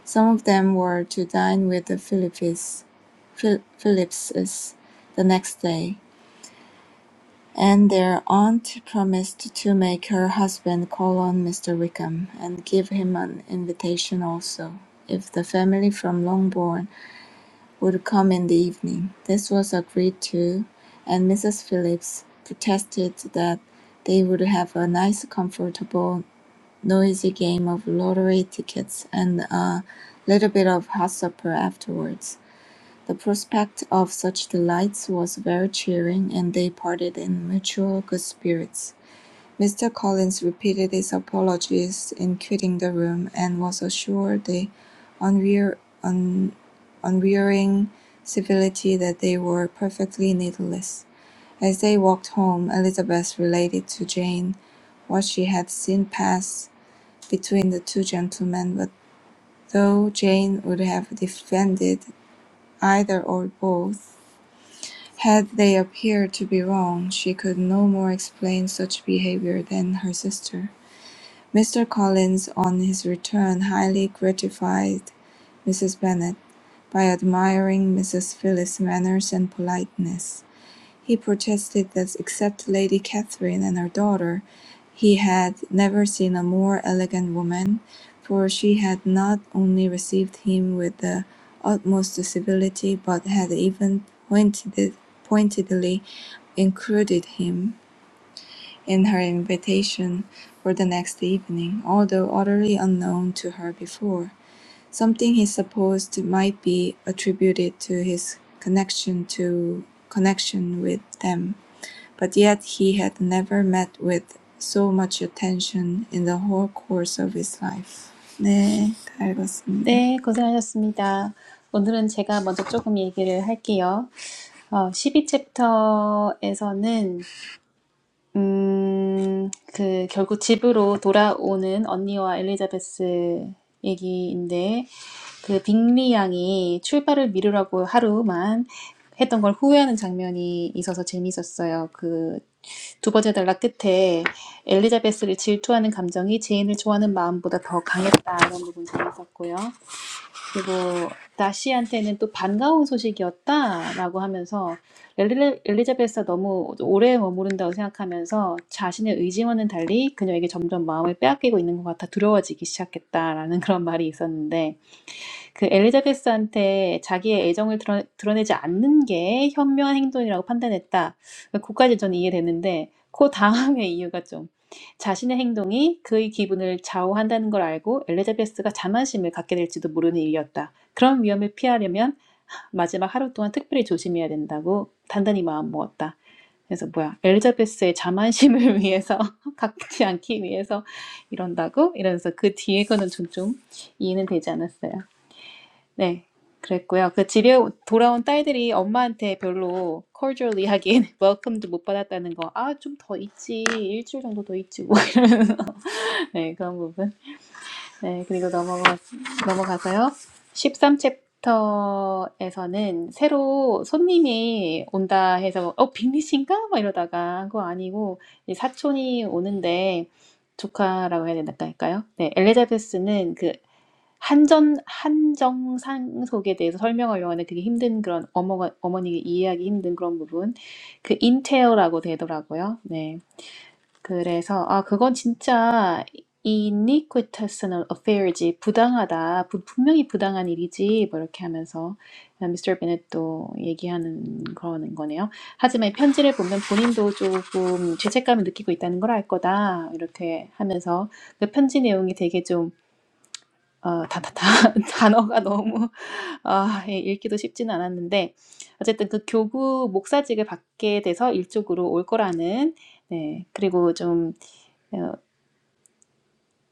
Some of them were to dine with the Philippes, Phil- Phillipses the next day, and their aunt promised to make her husband call on Mr. Wickham and give him an invitation also, if the family from Longbourn would come in the evening. This was agreed to, and Mrs. Phillips protested that they would have a nice, comfortable, noisy game of lottery tickets and a little bit of hot supper afterwards. The prospect of such delights was very cheering, and they parted in mutual good spirits. Mr. Collins repeated his apologies in quitting the room, and was assured the unwear- un- unwearying civility that they were perfectly needless. As they walked home, Elizabeth related to Jane what she had seen pass between the two gentlemen, but though Jane would have defended either or both, had they appeared to be wrong, she could no more explain such behavior than her sister. Mr. Collins, on his return, highly gratified Mrs. Bennet by admiring Mrs. Philips's manners and politeness. He protested that except Lady Catherine and her daughter, he had never seen a more elegant woman, for she had not only received him with the utmost civility, but had even pointedly included him in her invitation for the next evening, although utterly unknown to her before, something he supposed might be attributed to his connection to connection with them. But yet he had never met with so much attention in the whole course of his life. 네, 다 읽었습니다. 네, 고생하셨습니다. 오늘은 제가 먼저 조금 얘기를 할게요. 어, 십이 챕터에서는 음, 그, 결국 집으로 돌아오는 언니와 엘리자베스 얘기인데, 그 빅리 양이 출발을 미루라고 하루만 했던 걸 후회하는 장면이 있어서 재미있었어요. 그 두 번째 달라 끝에 엘리자베스를 질투하는 감정이 제인을 좋아하는 마음보다 더 강했다. 이런 부분 재밌었고요. 그리고 나시한테는 또 반가운 소식이었다라고 하면서 엘리- 엘리자베스가 너무 오래 머무른다고 생각하면서 자신의 의지와는 달리 그녀에게 점점 마음을 빼앗기고 있는 것 같아 두려워지기 시작했다라는 [LAUGHS] 그런 말이 있었는데 그 엘리자베스한테 자기의 애정을 드러, 드러내지 않는 게 현명한 행동이라고 판단했다. 그까지 저는 이해되는데 그 다음의 [LAUGHS] 이유가 좀 자신의 행동이 그의 기분을 좌우한다는 걸 알고 엘리자베스가 자만심을 갖게 될지도 모르는 일이었다. 그런 위험을 피하려면 마지막 하루 동안 특별히 조심해야 된다고 단단히 마음 먹었다. 그래서 뭐야 엘리자베스의 자만심을 [LAUGHS] 위해서 갖지 않기 위해서 이런다고 이러면서 그 뒤에 거는 좀, 좀 이해는 되지 않았어요. 네. 그랬고요. 그 집에 오- 돌아온 딸들이 엄마한테 별로 cordially하게 [LAUGHS] welcome도 못 받았다는 거. 아, 좀 더 있지. 일주일 정도 더 있지. 뭐. [LAUGHS] 네, 그런 부분. 네, 그리고 넘어가, 넘어가서요. 십삼 챕터에서는 새로 손님이 온다 해서, 어, 빅리 씨인가? 막 이러다가, 그거 아니고, 이 사촌이 오는데, 조카라고 해야 된다할까요? 네, 엘리자베스는 그 한전 한정 상속에 대해서 설명하려고 하는데 그게 힘든 그런 어머가 어머니가 이해하기 힘든 그런 부분 그 인테어라고 되더라고요. 네. 그래서 아 그건 진짜 iniquitous는 affair지 부당하다 부- 분명히 부당한 일이지 뭐 이렇게 하면서 미스터 베넷도 얘기하는 그런 거네요. 하지만 이 편지를 보면 본인도 조금 죄책감을 느끼고 있다는 걸 알 거다 이렇게 하면서 그 편지 내용이 되게 좀 어 다다다 [LAUGHS] 단어가 너무 아예 읽기도 쉽지는 않았는데 어쨌든 그 교구 목사직을 받게 돼서 일족으로 올 거라는 네 그리고 좀 어,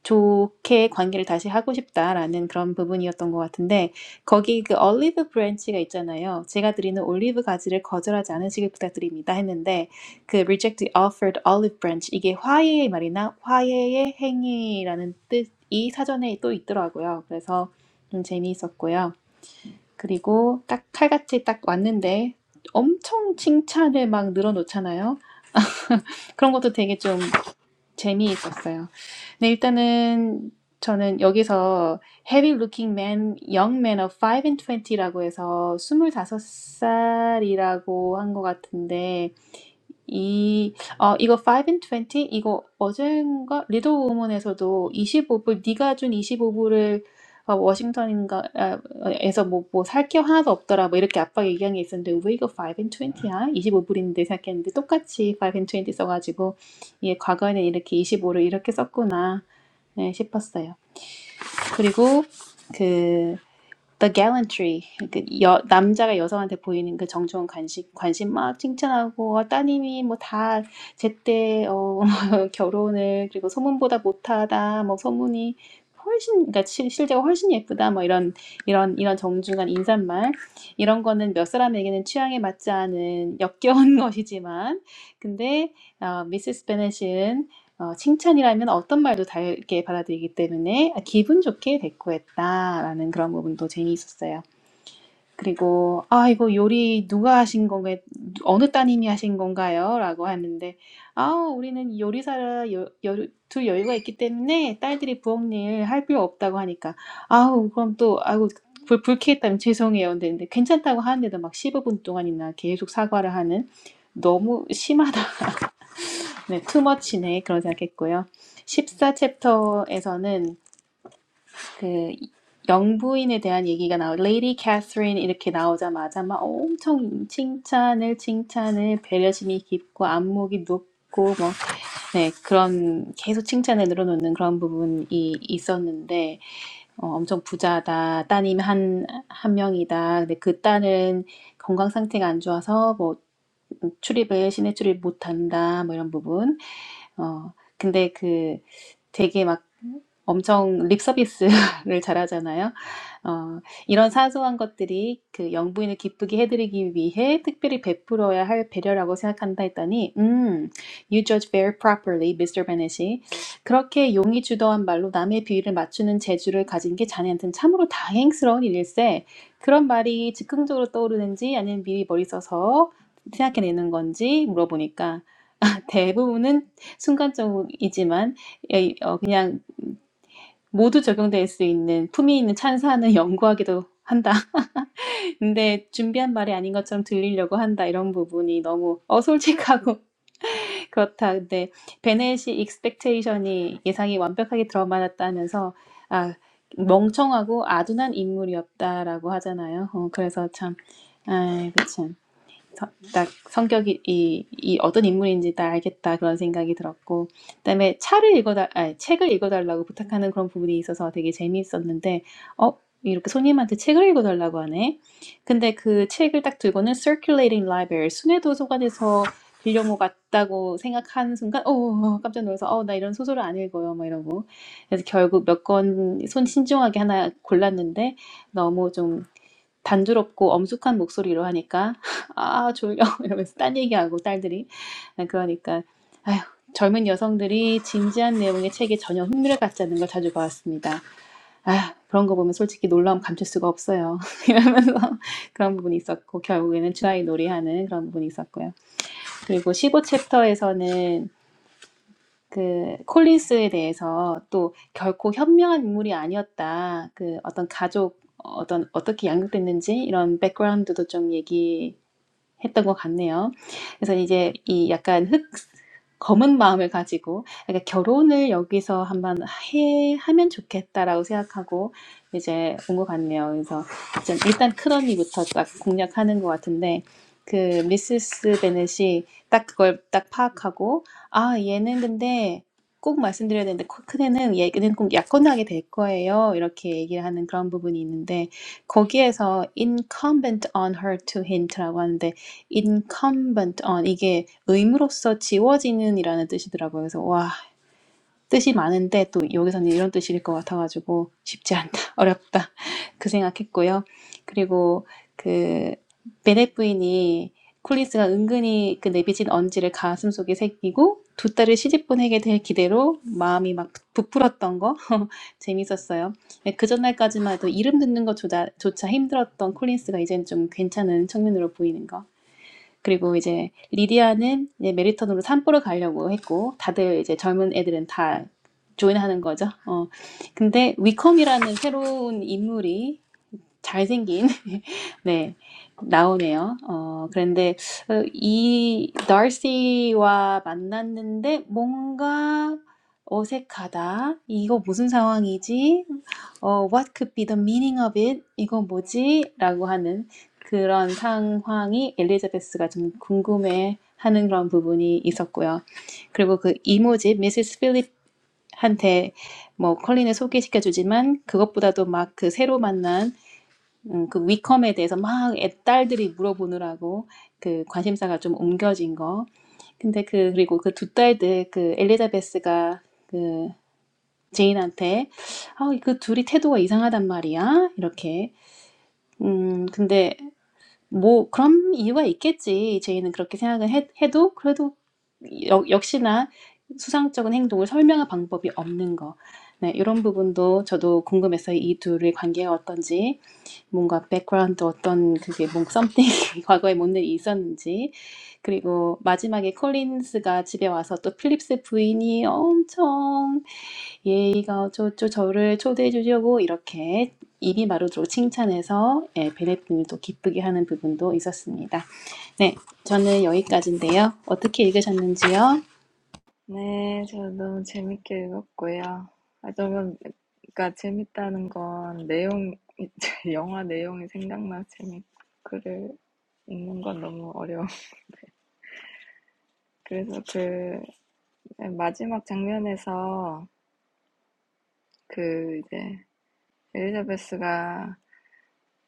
좋게 관계를 다시 하고 싶다라는 그런 부분이었던 것 같은데 거기 그 올리브 브랜치가 있잖아요. 제가 드리는 올리브 가지를 거절하지 않으시길 부탁드립니다 했는데 그 reject the offered olive branch 이게 화해의 말이나 화해의 행위라는 뜻이 사전에 또 있더라고요. 그래서 좀 재미있었고요. 그리고 딱 칼같이 딱 왔는데 엄청 칭찬을 막 늘어놓잖아요. 그런 것도 되게 좀 재미있었어요. 네, 일단은 저는 여기서 heavy looking man, young man of 5 and twenty라고 해서 스물다섯 살이라고 한 것 같은데 이, 어, 이거 5 and 20 이거 어젠가 리더 우먼에서도 이십오 불 네가 준 25불을 어, 워싱턴인가 아, 에서 뭐, 뭐살게 하나도 없더라 뭐 이렇게 아빠가 얘기한 게 있었는데 왜 이거 5 and 이십이야? 이십오 불인데 생각했는데 똑같이 5 and 20 써가지고 예, 과거에는 이렇게 이십오를 이렇게 썼구나 네, 싶었어요. 그리고 그 the gallantry, 그 여, 남자가 여성한테 보이는 그 정중한 관심, 관심 막 칭찬하고 어, 따님이 뭐 다 제때 어, [LAUGHS] 결혼을 그리고 소문보다 못하다, 뭐 소문이 훨씬 그러니까 실, 실제가 훨씬 예쁘다, 뭐 이런 이런 이런 정중한 인사말 이런 거는 몇 사람에게는 취향에 맞지 않은 역겨운 [LAUGHS] 것이지만, 근데 어, 미세스 베넷은 어, 칭찬이라면 어떤 말도 달게 받아들이기 때문에 기분 좋게 대꾸했다라는 그런 부분도 재미있었어요. 그리고 아 이거 요리 누가 하신 건가요? 누- 어느 따님이 하신 건가요? 라고 하는데 아 우리는 요리사라 여, 여, 둘 여유가 있기 때문에 딸들이 부엌일 할 필요 없다고 하니까 아우 그럼 또 아이고 불, 불쾌했다면 죄송해요. 근데, 근데 괜찮다고 하는데도 막 15분 동안이나 계속 사과를 하는 너무 심하다. 네, 투머치네 그런 생각했고요. 십사 챕터에서는 그 영부인에 대한 얘기가 나오 Lady Catherine 이렇게 나오자마자 막 엄청 칭찬을 칭찬을 배려심이 깊고 안목이 높고 뭐 네, 그런 계속 칭찬을 늘어놓는 그런 부분이 있었는데 어, 엄청 부자다 따님 한, 한 명이다 근데 그 딸은 건강 상태가 안 좋아서 뭐 출입을 시내 출입 못한다 뭐 이런 부분 어, 근데 그 되게 막 엄청 립 서비스를 [LAUGHS] 잘하잖아요. 어, 이런 사소한 것들이 그 영부인을 기쁘게 해드리기 위해 특별히 베풀어야 할 배려라고 생각한다 했더니, 음, you judge very properly, Mr. Benett이. 그렇게 용이 주도한 말로 남의 비위를 맞추는 재주를 가진 게 자네한테는 참으로 다행스러운 일일세. 그런 말이 즉흥적으로 떠오르는지 아니면 미리 머리 써서 생각해내는 건지 물어보니까 대부분은 순간적이지만 에, 어, 그냥 모두 적용될 수 있는 품위 있는 찬사는 연구하기도 한다. [LAUGHS] 근데 준비한 말이 아닌 것처럼 들리려고 한다. 이런 부분이 너무 어솔직하고 [LAUGHS] 그렇다. 근데 베넷이 익스펙테이션이 예상이 완벽하게 들어맞았다면서 아 멍청하고 아둔한 인물이었다라고 하잖아요. 어, 그래서 참, 아, 그쵸. 딱 성격이 이, 이 어떤 인물인지 다 알겠다 그런 생각이 들었고 그다음에 차를 읽어달 아니, 책을 읽어달라고 부탁하는 그런 부분이 있어서 되게 재미있었는데 어 이렇게 손님한테 책을 읽어달라고 하네. 근데 그 책을 딱 들고는 Circulating Library 순회 도서관에서 빌려모았다고 생각하는 순간 어 깜짝 놀라서 어 나 이런 소설을 안 읽어요 막 이러고 그래서 결국 몇 권 손 신중하게 하나 골랐는데 너무 좀 단조롭고 엄숙한 목소리로 하니까 [LAUGHS] 아 졸려 [LAUGHS] 이러면서 딴 얘기하고 딸들이 그러니까 아휴 젊은 여성들이 진지한 내용의 책에 전혀 흥미를 갖지 않는 걸 자주 봐왔습니다. 아 그런 거 보면 솔직히 놀라움 감출 수가 없어요. [LAUGHS] 이러면서 그런 부분이 있었고 결국에는 주아이 놀이하는 그런 부분이 있었고요. 그리고 15 챕터에서는 그 콜린스에 대해서 또 결코 현명한 인물이 아니었다. 그 어떤 가족 어떤 어떻게 양육됐는지 이런 백그라운드도 좀 얘기. 했던 것 같네요. 그래서 이제 이 약간 흑 검은 마음을 가지고 그러니까 결혼을 여기서 한번 해 하면 좋겠다라고 생각하고 이제 온 것 같네요. 그래서 좀 일단 크러니부터 딱 공략하는 것 같은데 그 미세스 베넷이 딱 그걸 딱 파악하고 아 얘는 근데 꼭 말씀드려야 되는데 큰애는 얘는 꼭 약혼하게 될 거예요 이렇게 얘기를 하는 그런 부분이 있는데 거기에서 incumbent on her to hint라고 하는데 incumbent on 이게 의무로서 지워지는이라는 뜻이더라고요. 그래서 와 뜻이 많은데 또 여기서는 이런 뜻일 것 같아가지고 쉽지 않다, 어렵다 [LAUGHS] 그 생각했고요. 그리고 그 베넷 부인이 콜린스가 은근히 그 내비친 언지를 가슴 속에 새기고 두 딸을 시집보내게 될 기대로 마음이 막 부풀었던 거 [LAUGHS] 재밌었어요. 네, 그 전날까지만 해도 이름 듣는 것조차 힘들었던 콜린스가 이제는 좀 괜찮은 청년으로 보이는 거. 그리고 이제 리디아는 이제 메리턴으로 산보러 가려고 했고 다들 이제 젊은 애들은 다 조인하는 거죠. 어 근데 위컴이라는 새로운 인물이 잘생긴 [LAUGHS] 네 나오네요. 어 그런데 어, 이 달시와 만났는데 뭔가 어색하다. 이거 무슨 상황이지? 어 What could be the meaning of it? 이거 뭐지?라고 하는 그런 상황이 엘리자베스가 좀 궁금해하는 그런 부분이 있었고요. 그리고 그 이모집 미세스 필립한테 뭐 컬린을 소개시켜주지만 그것보다도 막그 새로 만난 음, 그 위컴에 대해서 막 애- 딸들이 물어보느라고 그 관심사가 좀 옮겨진 거. 근데 그 그리고 그 두 딸들 그 엘리자베스가 그 제인한테 아, 그 둘이 태도가 이상하단 말이야. 이렇게. 음, 근데 뭐 그럼 이유가 있겠지. 제인은 그렇게 생각을 해, 해도 그래도 역, 역시나 수상적인 행동을 설명할 방법이 없는 거. 네, 이런 부분도 저도 궁금해서 이 둘의 관계가 어떤지 뭔가 백그라운드 어떤 그게 뭔 썸띵 [LAUGHS] 과거에 뭔 일이 있었는지 그리고 마지막에 콜린스가 집에 와서 또 필립스 부인이 엄청 예의가 어쩌고 저를 초대해 주려고 이렇게 입이 마르도록 칭찬해서 예, 베네핀을 또 기쁘게 하는 부분도 있었습니다. 네, 저는 여기까지인데요. 어떻게 읽으셨는지요? 네, 저 너무 재밌게 읽었고요. 아, 저는, 그러니까 재밌다는 건 내용, [LAUGHS] 영화 내용이 생각나서 재밌고, 글을 읽는 건 너무 어려워. 그래서 그 마지막 장면에서 그 이제 엘리자베스가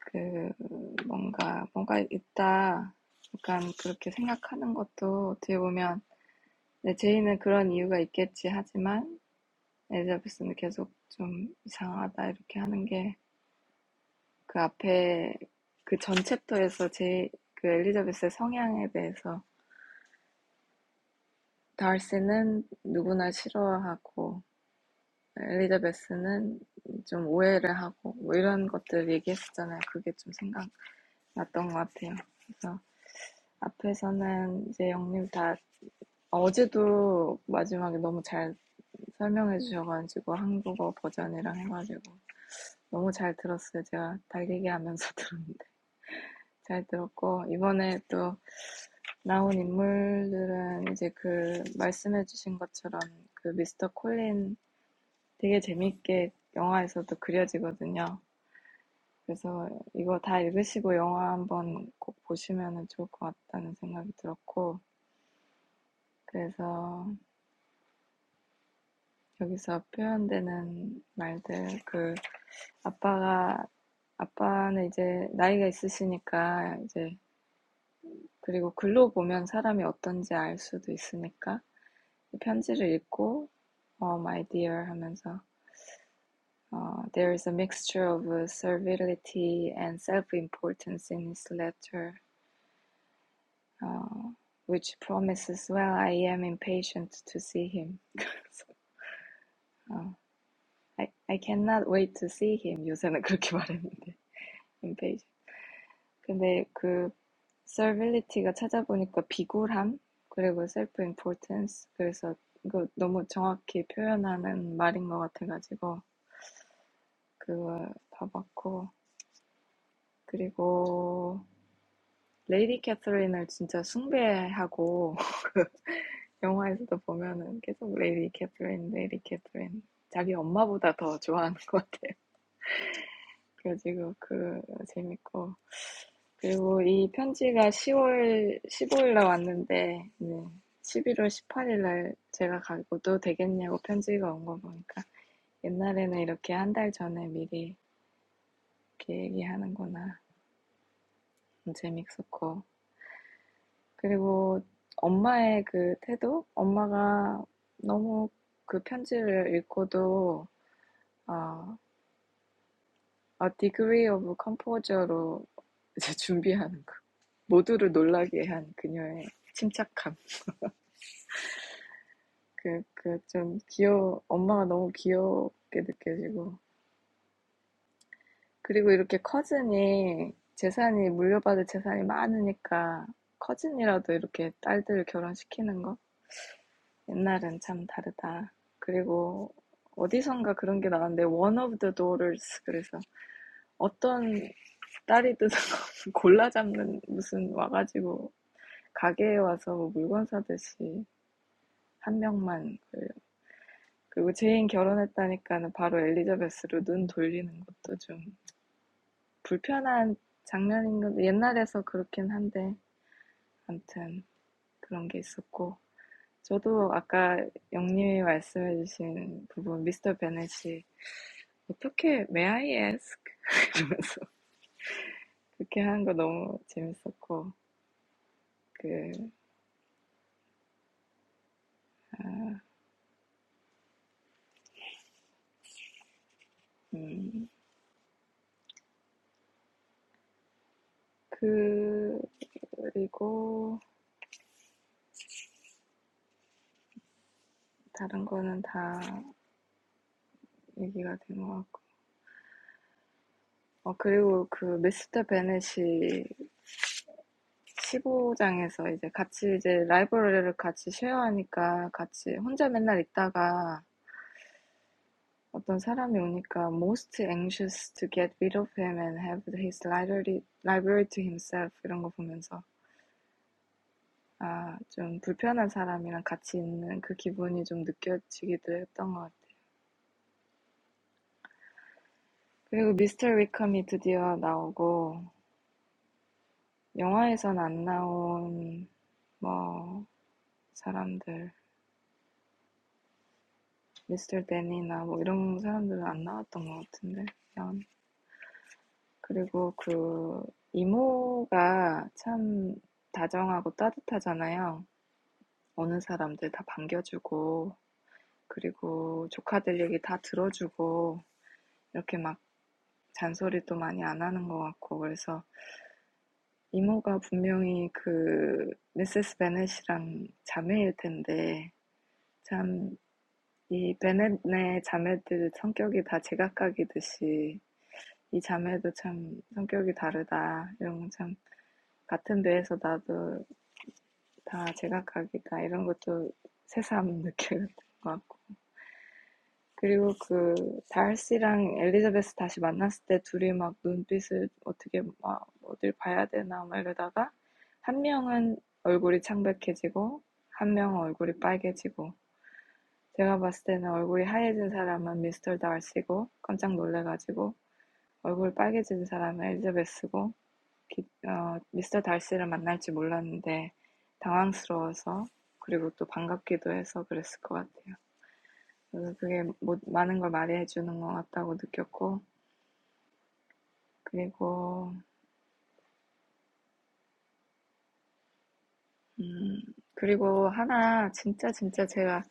그 뭔가, 뭔가 있다. 약간 그렇게 생각하는 것도 어떻게 보면, 네, 제이는 그런 이유가 있겠지 하지만 엘리자베스는 계속 좀 이상하다 이렇게 하는 게 그 앞에 그 전 챕터에서 제, 그 엘리자베스의 성향에 대해서 달시는 누구나 싫어하고 엘리자베스는 좀 오해를 하고 뭐 이런 것들 얘기했었잖아요. 그게 좀 생각났던 것 같아요. 그래서 앞에서는 이제 영님 다 어제도 마지막에 너무 잘 설명해 주셔가지고 한국어 버전이랑 해가지고 너무 잘 들었어요. 제가 달리기 하면서 [LAUGHS] 잘 들었고 이번에 또 나온 인물들은 이제 그 말씀해주신 것처럼 그 미스터 콜린 되게 재밌게 영화에서도 그려지거든요. 그래서 이거 다 읽으시고 영화 한번 꼭 보시면은 좋을 것 같다는 생각이 들었고, 그래서 여기서 표현되는 말들, 그 아빠가, 아빠는 이제 나이가 있으시니까 이제 그리고 글로 보면 사람이 어떤지 알 수도 있으니까 편지를 읽고, um, my dear 하면서 Uh, there is a mixture of uh, servility and self-importance in his letter, uh, which promises, well, I am impatient to see him. [LAUGHS] 어, I, I cannot wait to see him. 요새는 그렇게 말했는데. [LAUGHS] impatient. 근데 그 servility가 찾아보니까 비굴함, 그리고 self-importance. 그래서 이거 너무 정확히 표현하는 말인 것 같아가지고 그거 봐봤고. 그리고 레이디 캐서린을 진짜 숭배하고 [LAUGHS] 영화에서도 보면은 계속 레이디 캐서린, 레이디 캐서린 자기 엄마보다 더 좋아하는 것 같아요. 그래가지고 그 재밌고 그리고 이 편지가 10월 15일날 왔는데 네, 11월 18일날 제가 가고도 되겠냐고 편지가 온 거 보니까 옛날에는 이렇게 한 달 전에 미리 이렇게 얘기하는구나 재밌었고 그리고 엄마의 그 태도? 엄마가 너무 그 편지를 읽고도, 아, a degree of composure로 이제 [LAUGHS] 준비하는 거. 모두를 놀라게 한 그녀의 침착함. 그, 그 좀 귀여워, 엄마가 너무 귀엽게 느껴지고. 그리고 이렇게 커즌이 재산이, 물려받을 재산이 많으니까 커즌이라도 이렇게 딸들을 결혼시키는 거. 옛날은 참 다르다. 그리고 어디선가 그런 게 나왔는데 One of the Daughters 그래서 어떤 딸이 든 [LAUGHS] 골라 잡는 무슨 와가지고 가게에 와서 뭐 물건 사듯이 한 명만 그리고 제인 결혼했다니까는 바로 엘리자베스로 눈 돌리는 것도 좀 불편한 장면인 건데 옛날에서 그렇긴 한데 아무튼 그런 게 있었고 저도 아까 영님이 말씀해주신 부분 미스터 베넷이 How may I ask? 그러면서 [LAUGHS] 그렇게 하는 거 너무 재밌었고 그음 그리고 다른 거는 다 얘기가 된거 같고 어 그리고 그 Mr. Venetie 15장에서 이제 같이 이제 library를 같이 share 하니까 같이 혼자 맨날 있다가 어떤 사람이 오니까 most anxious to get rid of him and have his library library to himself 이런 거 보면서. 아 좀 불편한 사람이랑 같이 있는 그 기분이 좀 느껴지기도 했던 것 같아요. 그리고 미스터 위컴이 드디어 나오고 영화에선 안 나온 뭐 사람들 미스터 데니나 뭐 이런 사람들은 안 나왔던 것 같은데 그리고 그 이모가 참 다정하고 따뜻하잖아요. 어느 사람들 다 반겨주고 그리고 조카들 얘기 다 들어주고 이렇게 막 잔소리도 많이 안 하는 것 같고 그래서 이모가 분명히 그 미세스 베넷이랑 자매일 텐데 참 이 베넷네 자매들 성격이 다 제각각이듯이 이 자매도 참 성격이 다르다 이런 건참 같은 배에서 나도 다 제각각이다 이런 것도 새삼 [LAUGHS] 느낄 것 같고 그리고 그 달씨랑 엘리자베스 다시 만났을 때 둘이 막 눈빛을 어떻게 막 어딜 봐야 되나 막 이러다가 한 명은 얼굴이 창백해지고 한 명은 얼굴이 빨개지고 제가 봤을 때는 얼굴이 하얘진 사람은 미스터 달씨고 깜짝 놀래가지고 얼굴 빨개진 사람은 엘리자베스고 기, 어, 미스터 달씨를 만날지 몰랐는데 당황스러워서 그리고 또 반갑기도 해서 그랬을 것 같아요. 그래서 그게 뭐 많은 걸 말해 주는 것 같다고 느꼈고, 그리고, 음, 그리고 하나 진짜 진짜 제가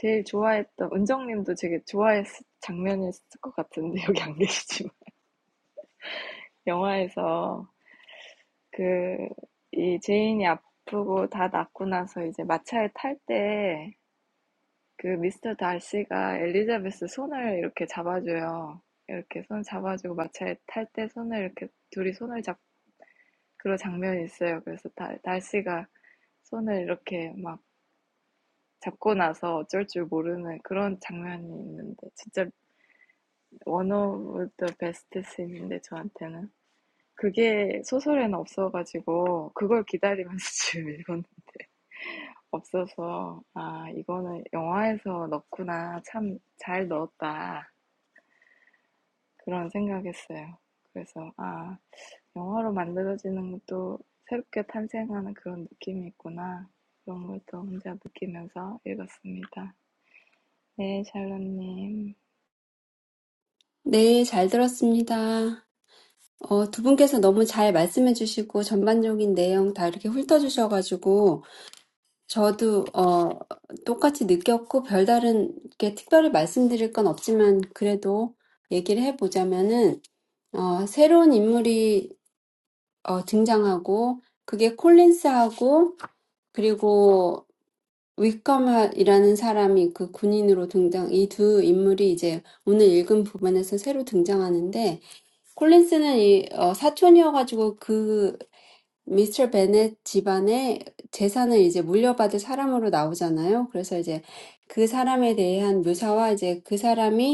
제일 좋아했던, 은정님도 되게 좋아했, 장면이었을 것 같은데, [LAUGHS] 여기 안 계시지만. 영화에서 그, 이 제인이 아프고 다 낫고 나서 이제 마차에 탈 때, 그 미스터 달시가 엘리자베스 손을 이렇게 잡아줘요. 이렇게 손 잡아주고 마차에 탈 때 손을 이렇게 둘이 손을 잡 그런 장면이 있어요. 그래서 달, 달씨가 손을 이렇게 막 잡고 나서 어쩔 줄 모르는 그런 장면이 있는데 진짜 one of the best scene인데 저한테는 그게 소설에는 없어가지고 그걸 기다리면서 [LAUGHS] 지금 읽은 없어서 아 이거는 영화에서 넣구나 참 잘 넣었다 그런 생각했어요. 그래서 아 영화로 만들어지는 것도 새롭게 탄생하는 그런 느낌이 있구나. 그런 걸 또 혼자 느끼면서 읽었습니다. 네, 샬롯님. 네, 잘 들었습니다. 어, 두 분께서 너무 잘 말씀해 주시고 전반적인 내용 다 이렇게 훑어 주셔가지고 저도 어, 똑같이 느꼈고 별다른 게 특별히 말씀드릴 건 없지만 그래도 얘기를 해보자면은 어, 새로운 인물이 어, 등장하고 그게 콜린스하고 그리고 위컴이라는 사람이 그 군인으로 등장, 이 두 인물이 이제 오늘 읽은 부분에서 새로 등장하는데 콜린스는 이 어, 사촌이어가지고 그 미스터 베넷 집안에 재산을 이제 물려받을 사람으로 나오잖아요. 그래서 이제 그 사람에 대한 묘사와 이제 그 사람이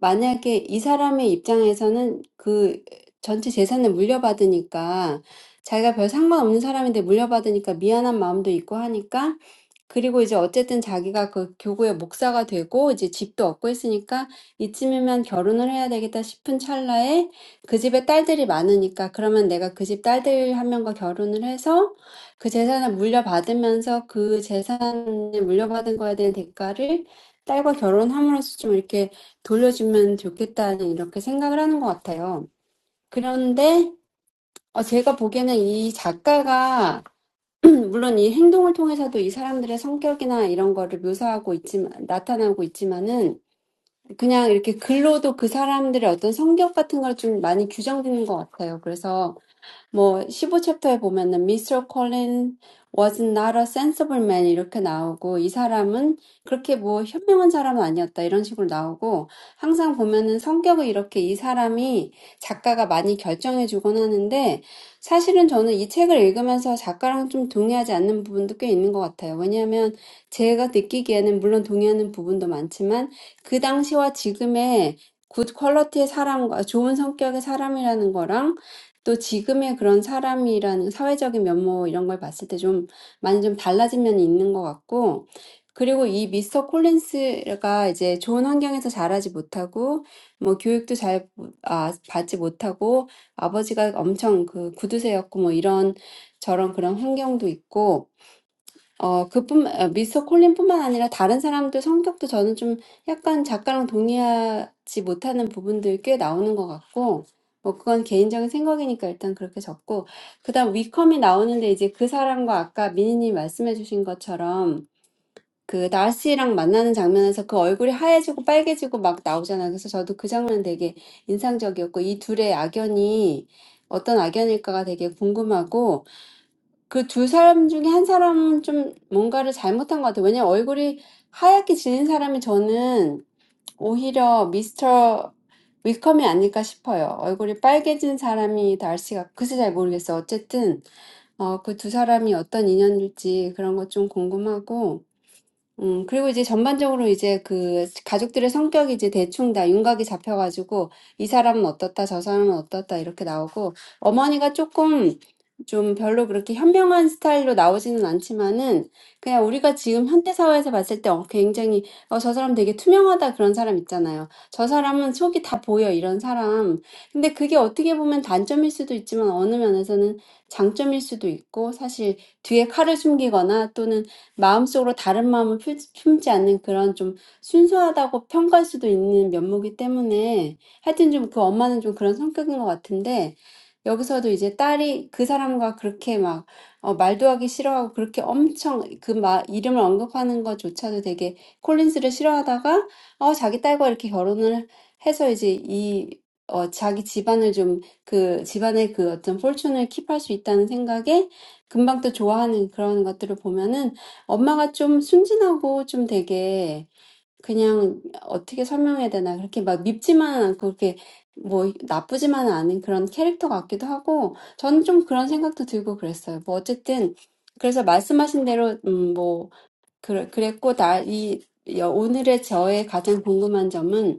만약에 이 사람의 입장에서는 그 전체 재산을 물려받으니까 자기가 별 상관없는 사람인데 물려받으니까 미안한 마음도 있고 하니까 그리고 이제 어쨌든 자기가 그 교구의 목사가 되고 이제 집도 얻고 했으니까 이쯤이면 결혼을 해야 되겠다 싶은 찰나에 그 집에 딸들이 많으니까 그러면 내가 그집 딸들 한 명과 결혼을 해서 그 재산을 물려받으면서 그 재산을 물려받은 거에 대한 대가를 딸과 결혼함으로써 좀 이렇게 돌려주면 좋겠다는 이렇게 생각을 하는 것 같아요. 그런데 어, 제가 보기에는 이 작가가 [CLEARS THROAT] [LAUGHS] 물론 이 행동을 통해서도 이 사람들의 성격이나 이런 거를 묘사하고 있지만 나타나고 있지만은 그냥 이렇게 글로도 그 사람들의 어떤 성격 같은 걸 좀 많이 규정짓는 것 같아요. 그래서 뭐 십오 챕터에 보면은 Mr. Colin was not a sensible man 이렇게 나오고 이 사람은 그렇게 뭐 현명한 사람은 아니었다 이런 식으로 나오고 항상 보면은 성격을 이렇게 이 사람이 작가가 많이 결정해주곤 하는데 사실은 저는 이 책을 읽으면서 작가랑 좀 동의하지 않는 부분도 꽤 있는 것 같아요. 왜냐하면 제가 느끼기에는 물론 동의하는 부분도 많지만 그 당시와 지금의 굿 퀄러티의 사람과 좋은 성격의 사람이라는 거랑 또 지금의 그런 사람이라는 사회적인 면모 이런 걸 봤을 때 좀 많이 좀 달라진 면이 있는 것 같고 그리고 이 미스터 콜린스가 이제 좋은 환경에서 자라지 못하고 뭐 교육도 잘 못- 아, 받지 못하고 아버지가 엄청 그 구두쇠였고 뭐 이런 저런 그런 환경도 있고 어 그뿐 어 미스터 콜린뿐만 아니라 다른 사람들 성격도 저는 좀 약간 작가랑 동의하지 못하는 부분들 꽤 나오는 것 같고 뭐 그건 개인적인 생각이니까 일단 그렇게 적고 그다음 위컴이 나오는데 이제 그 사람과 아까 미니님 말씀해 주신 것처럼 그 나시랑 만나는 장면에서 그 얼굴이 하얘지고 빨개지고 막 나오잖아요. 그래서 저도 그 장면 되게 인상적이었고 이 둘의 악연이 어떤 악연일까가 되게 궁금하고 그 두 사람 중에 한 사람은 좀 뭔가를 잘못한 것 같아요. 왜냐면 얼굴이 하얗게 지는 사람이 저는 오히려 미스터 위컴이 아닐까 싶어요. 얼굴이 빨개진 사람이 달씨가 글쎄 잘 모르겠어요. 어쨌든 어그두 사람이 어떤 인연일지 그런 것 좀 궁금하고 음, 그리고 이제 전반적으로 이제 그 가족들의 성격이 이제 대충 다 윤곽이 잡혀가지고 이 사람은 어떻다, 저 사람은 어떻다 이렇게 나오고 어머니가 조금 좀 별로 그렇게 현명한 스타일로 나오지는 않지만은 그냥 우리가 지금 현대 사회에서 봤을 때 어, 굉장히 어, 저 사람 되게 투명하다 그런 사람 있잖아요. 저 사람은 속이 다 보여 이런 사람. 근데 그게 어떻게 보면 단점일 수도 있지만 어느 면에서는 장점일 수도 있고 사실 뒤에 칼을 숨기거나 또는 마음속으로 다른 마음을 풀- 품지 않는 그런 좀 순수하다고 평가할 수도 있는 면모기 때문에 하여튼 좀그 엄마는 좀 그런 성격인 것 같은데 여기서도 이제 딸이 그 사람과 그렇게 막 어, 말도 하기 싫어하고 그렇게 엄청 그 마, 이름을 언급하는 것조차도 되게 콜린스를 싫어하다가 어, 자기 딸과 이렇게 결혼을 해서 이제 이 어, 자기 집안을 좀 그 집안의 그 어떤 폴춘을 킵할 수 있다는 생각에 금방 또 좋아하는 그런 것들을 보면은 엄마가 좀 순진하고 좀 되게 그냥 어떻게 설명해야 되나 그렇게 막 밉지만은 않고 그렇게 뭐 나쁘지만은 않은 그런 캐릭터 같기도 하고 저는 좀 그런 생각도 들고 그랬어요. 뭐 어쨌든 그래서 말씀하신 대로 음뭐 그래, 그랬고 나 이 오늘의 저의 가장 궁금한 점은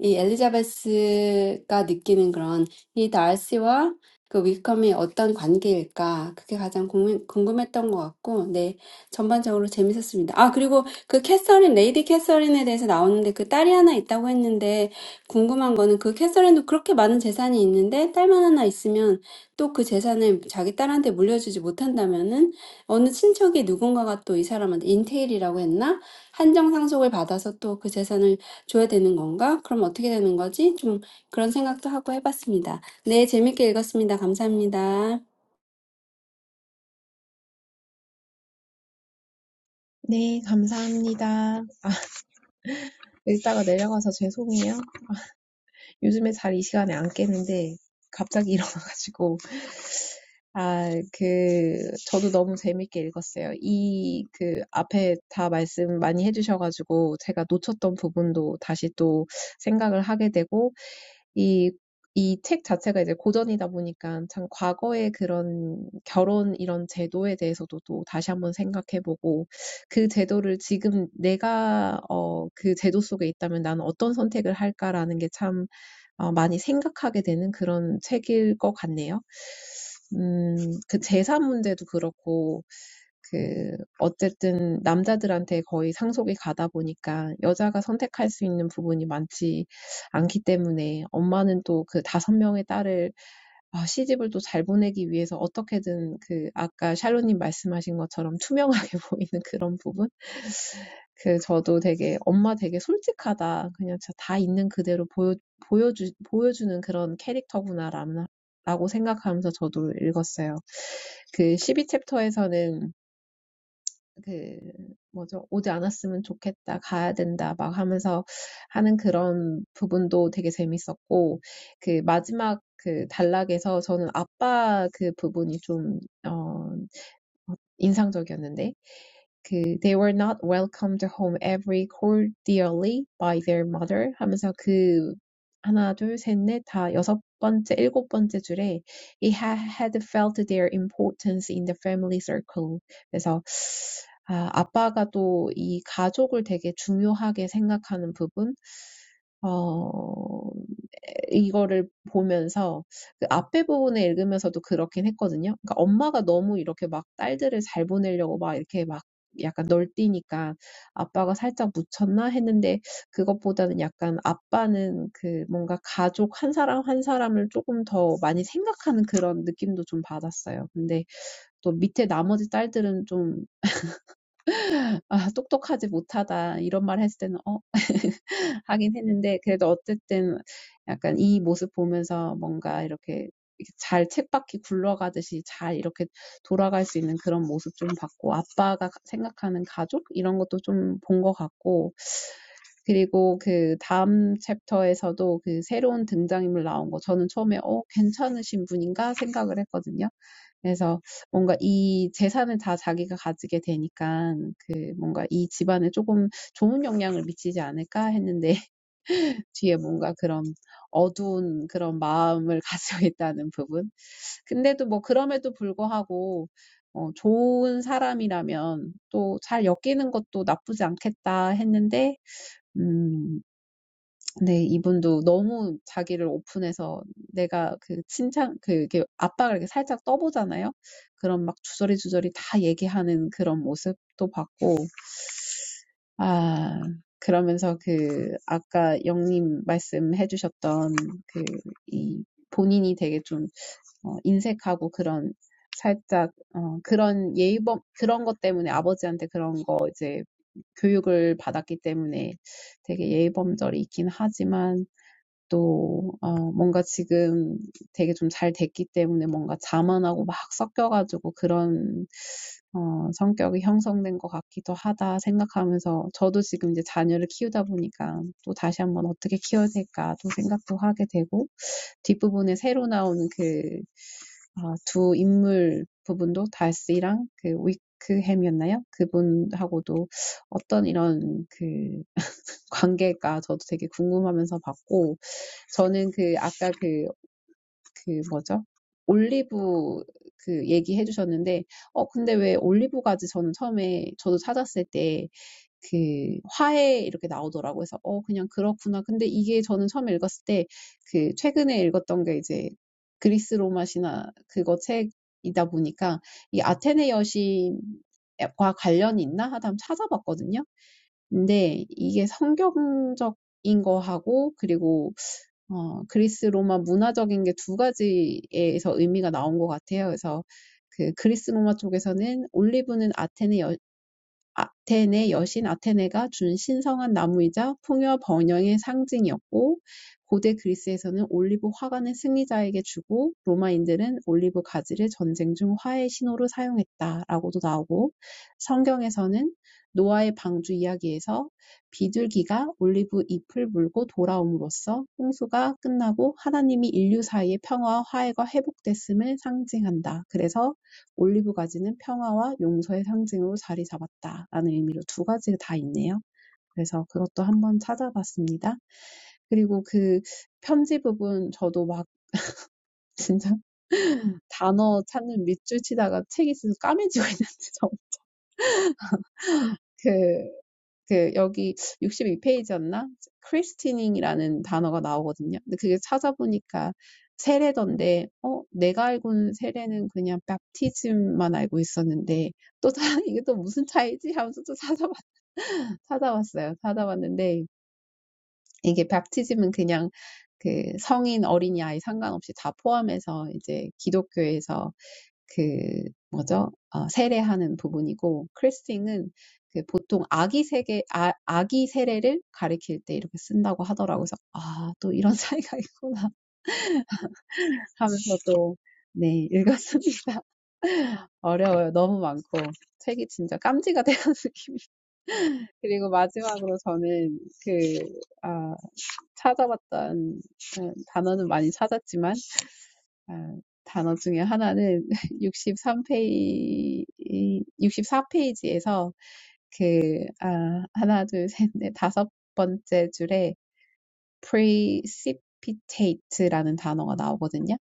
이 엘리자베스가 느끼는 그런 이 달시와 그 위컴이 어떤 관계일까? 그게 가장 궁금, 궁금했던 것 같고, 네, 전반적으로 재밌었습니다. 아, 그리고 그 캐서린, 레이디 캐서린에 대해서 나오는데 그 딸이 하나 있다고 했는데 궁금한 거는 그 캐서린도 그렇게 많은 재산이 있는데 딸만 하나 있으면 또그 재산을 자기 딸한테 물려주지 못한다면은 어느 친척이 누군가가 또이 사람한테 인테일이라고 했나? 한정 상속을 받아서 또그 재산을 줘야 되는 건가? 그럼 어떻게 되는 거지? 좀 그런 생각도 하고 해봤습니다. 네, 재밌게 읽었습니다. 감사합니다. 네, 감사합니다. 일다가 내려가서 죄송해요. 요즘에 잘 이 시간에 안 깨는데 갑자기 [LAUGHS] 일어나가지고 아, 그 저도 너무 재밌게 읽었어요. 이 그 앞에 다 말씀 많이 해주셔가지고 제가 놓쳤던 부분도 다시 또 생각을 하게 되고 이 이 책 자체가 이제 고전이다 보니까 참 과거의 그런 결혼 이런 제도에 대해서도 또 다시 한번 생각해 보고 그 제도를 지금 내가 어, 그 제도 속에 있다면 나는 어떤 선택을 할까라는 게참 어, 많이 생각하게 되는 그런 책일 것 같네요. 음, 그 재산 문제도 그렇고, 그, 어쨌든 남자들한테 거의 상속이 가다 보니까 여자가 선택할 수 있는 부분이 많지 않기 때문에 엄마는 또 그 다섯 명의 딸을 아, 시집을 또 잘 보내기 위해서 어떻게든 그 아까 샬로님 말씀하신 것처럼 투명하게 [LAUGHS] 보이는 그런 부분? [LAUGHS] 그 저도 되게 엄마 되게 솔직하다. 그냥 다 있는 그대로 보여, 보여주, 보여주는 그런 캐릭터구나라고 생각하면서 저도 읽었어요. 그 12챕터에서는 그 뭐죠? 오지 않았으면 좋겠다. 가야 된다. 막 하면서 하는 그런 부분도 되게 재밌었고 그 마지막 그 단락에서 저는 아빠 그 부분이 좀어 인상적이었는데 그 "They were not welcomed home e very cordially by their mother" 하면서 그 하나, 둘, 셋, 넷, 다 여섯 번째, 일곱 번째 줄에 "He ha- had felt their importance in the family circle." 그래서 아, 아빠가 또 이 가족을 되게 중요하게 생각하는 부분, 어, 이거를 보면서 그 앞에 부분을 읽으면서도 그렇긴 했거든요. 그러니까 엄마가 너무 이렇게 막 딸들을 잘 보내려고 막 이렇게 막 약간 널뛰니까 아빠가 살짝 묻혔나 했는데 그것보다는 약간 아빠는 그 뭔가 가족 한 사람 한 사람을 조금 더 많이 생각하는 그런 느낌도 좀 받았어요. 근데 또 밑에 나머지 딸들은 좀 아, 똑똑하지 못하다 이런 말 했을 때는 어, 하긴 했는데 그래도 어쨌든 약간 이 모습 보면서 뭔가 이렇게 잘 쳇바퀴 굴러가듯이 잘 이렇게 돌아갈 수 있는 그런 모습 좀 봤고 아빠가 가- 생각하는 가족 이런 것도 좀 본 것 같고 그리고 그 다음 챕터에서도 그 새로운 등장인물 나온 거 저는 처음에 어 괜찮으신 분인가 생각을 했거든요. 그래서 뭔가 이 재산을 다 자기가 가지게 되니까 그 뭔가 이 집안에 조금 좋은 영향을 미치지 않을까 했는데 뒤에 뭔가 그런 어두운 그런 마음을 [LAUGHS] 가지고 있다는 부분. 근데도 뭐 그럼에도 불구하고 어, 좋은 사람이라면 또 잘 엮이는 것도 나쁘지 않겠다 했는데, 음, 네, 이분도 너무 자기를 오픈해서 내가 그 칭찬, 그, 이렇게 압박을 이렇게 살짝 떠보잖아요? 그런 막 주저리주저리 다 얘기하는 그런 모습도 봤고, 아, 그러면서 그, 아까 영님 말씀해 주셨던 그, 이, 본인이 되게 좀, 어, 인색하고 그런, 살짝, 어, 그런 예의범, 그런 것 때문에 아버지한테 그런 거 이제 교육을 받았기 때문에 되게 예의범절이 있긴 하지만, 또어 뭔가 지금 되게 좀 잘 됐기 때문에 뭔가 자만하고 막 섞여 가지고 그런 어 성격이 형성된 것 같기도 하다 생각하면서 저도 지금 이제 자녀를 키우다 보니까 또 다시 한번 어떻게 키워야 될까 또 생각도 하게 되고 뒷부분에 새로 나오는 그 아 두 인물 부분도 다스랑 그 위크햄이었나요? 그분하고도 어떤 이런 그 관계가 저도 되게 궁금하면서 봤고, 저는 그 아까 그, 그 뭐죠? 올리브 그 얘기해 주셨는데, 어, 근데 왜 올리브가지 저는 처음에 저도 찾았을 때 그 화해 이렇게 나오더라고 해서, 어, 그냥 그렇구나. 근데 이게 저는 처음에 읽었을 때 그 최근에 읽었던 게 이제 그리스 로마 신화 그거 책이다 보니까 이 아테네 여신과 관련이 있나 하다 한번 찾아봤거든요. 근데 이게 성경적인 거하고 그리고 어, 그리스 로마 문화적인 게 두 가지에서 의미가 나온 것 같아요. 그래서 그 그리스 로마 쪽에서는 올리브는 아테네 여, 아테네 여신 아테네가 준 신성한 나무이자 풍요와 번영의 상징이었고 고대 그리스에서는 올리브 화관을 승리자에게 주고 로마인들은 올리브 가지를 전쟁 중 화해 신호로 사용했다라고도 나오고 성경에서는 노아의 방주 이야기에서 비둘기가 올리브 잎을 물고 돌아옴으로써 홍수가 끝나고 하나님이 인류 사이의 평화와 화해가 회복됐음을 상징한다. 그래서 올리브 가지는 평화와 용서의 상징으로 자리 잡았다라는 의미로 두 가지가 다 있네요. 그래서 그것도 한번 찾아봤습니다. 그리고 그 편지 부분 저도 막 진짜 [LAUGHS] 단어 찾는 밑줄 치다가 책이 있어서 까매지고 [LAUGHS] 있는데 저그 그 여기 62페이지였나? 크리스티닝이라는 단어가 나오거든요. 근데 그게 찾아보니까 세례던데, 어, 내가 알고는 세례는 그냥 밥티즘만 알고 있었는데, 또 [LAUGHS] 이게 또 무슨 차이지? 하면서 또 찾아봤, 찾아봤어요. 찾아봤는데, 이게 밥티즘은 그냥 그 성인 어린이 아이 상관없이 다 포함해서 이제 기독교에서 그 뭐죠? 어, 세례하는 부분이고 크리스팅은 그 보통 아기 세계 아, 아기 세례를 가리킬 때 이렇게 쓴다고 하더라고요. 그래서 아, 또 이런 [LAUGHS] 차이가 있구나 하면서 또네 읽었습니다. [LAUGHS] 어려워요. 너무 많고 책이 진짜 깜지가 되는 느낌이. [LAUGHS] 그리고 마지막으로 저는 그 아, 찾아봤던 음, 단어는 많이 찾았지만 아, 단어 중에 하나는 [LAUGHS] 63 페이, 64 페이지에서 그, 아, 하나, 둘, 셋, 넷, 다섯 번째 줄에 precipitate라는 단어가 나오거든요.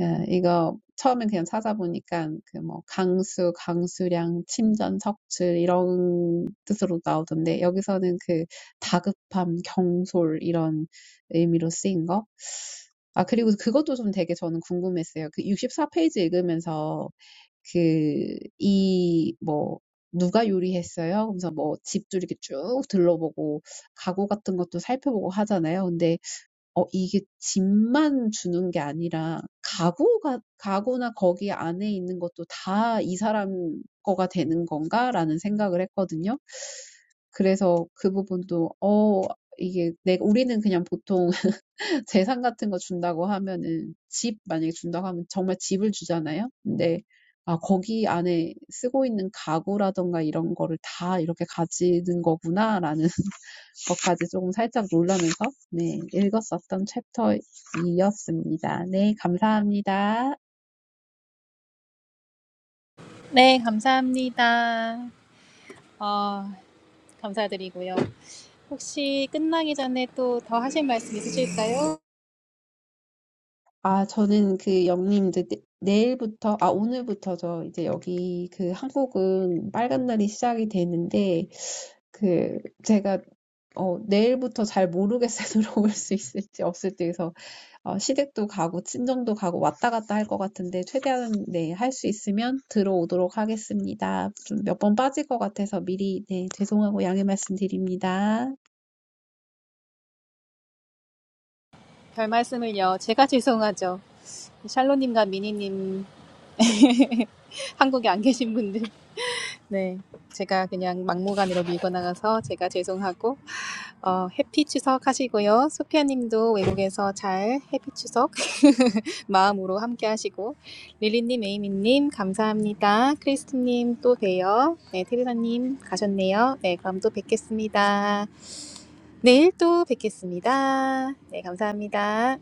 예, 이거 처음엔 그냥 찾아보니까 그뭐 강수, 강수량, 침전, 석출 이런 뜻으로 나오던데 여기서는 그 다급함, 경솔 이런 의미로 쓰인 거. 아 그리고 그것도 좀 되게 저는 궁금했어요. 그 64페이지 읽으면서 그 이 뭐 누가 요리했어요? 그래서뭐 집도 이렇게 쭉 둘러보고 가구 같은 것도 살펴보고 하잖아요. 근데 어 이게 집만 주는 게 아니라 가구가 가구나 거기 안에 있는 것도 다 이 사람 거가 되는 건가라는 생각을 했거든요. 그래서 그 부분도 어 이게 내가 우리는 그냥 보통 [LAUGHS] 재산 같은 거 준다고 하면은 집 만약에 준다고 하면 정말 집을 주잖아요. 근데 아 거기 안에 쓰고 있는 가구라던가 이런 거를 다 이렇게 가지는 거구나라는 [LAUGHS] 것까지 조금 살짝 놀라면서 네 읽었었던 챕터이었습니다. 네 감사합니다. 네, 감사합니다. 어, 감사드리고요. 혹시 끝나기 전에 또 더 하실 말씀 있으실까요? 아, 저는 그 영님 이제 내- 내일부터, 아, 오늘부터죠. 이제 여기 그 한국은 빨간 날이 시작이 되는데, 그 제가 어, 내일부터 잘 모르겠어요. [LAUGHS] 들어올 수 있을지 없을지. 그래서 어, 시댁도 가고 친정도 가고 왔다 갔다 할 것 같은데 최대한 네, 할 수 있으면 들어오도록 하겠습니다. 좀 몇 번 빠질 것 같아서 미리 네, 죄송하고 양해 말씀드립니다. 별 말씀을요. 제가 죄송하죠. 샬로님과 미니님 한국에 안 계신 분들. 네. 제가 그냥 막무가내로 밀고 나가서 제가 죄송하고 어, 해피 추석 하시고요. 소피아님도 외국에서 잘 해피 추석 마음으로 함께 하시고 릴리님, 에이미님 감사합니다. 크리스틴님 또 봬요. 네, 테리사님 가셨네요. 네, 그럼 또 뵙겠습니다. 내일 또 뵙겠습니다. 네, 감사합니다.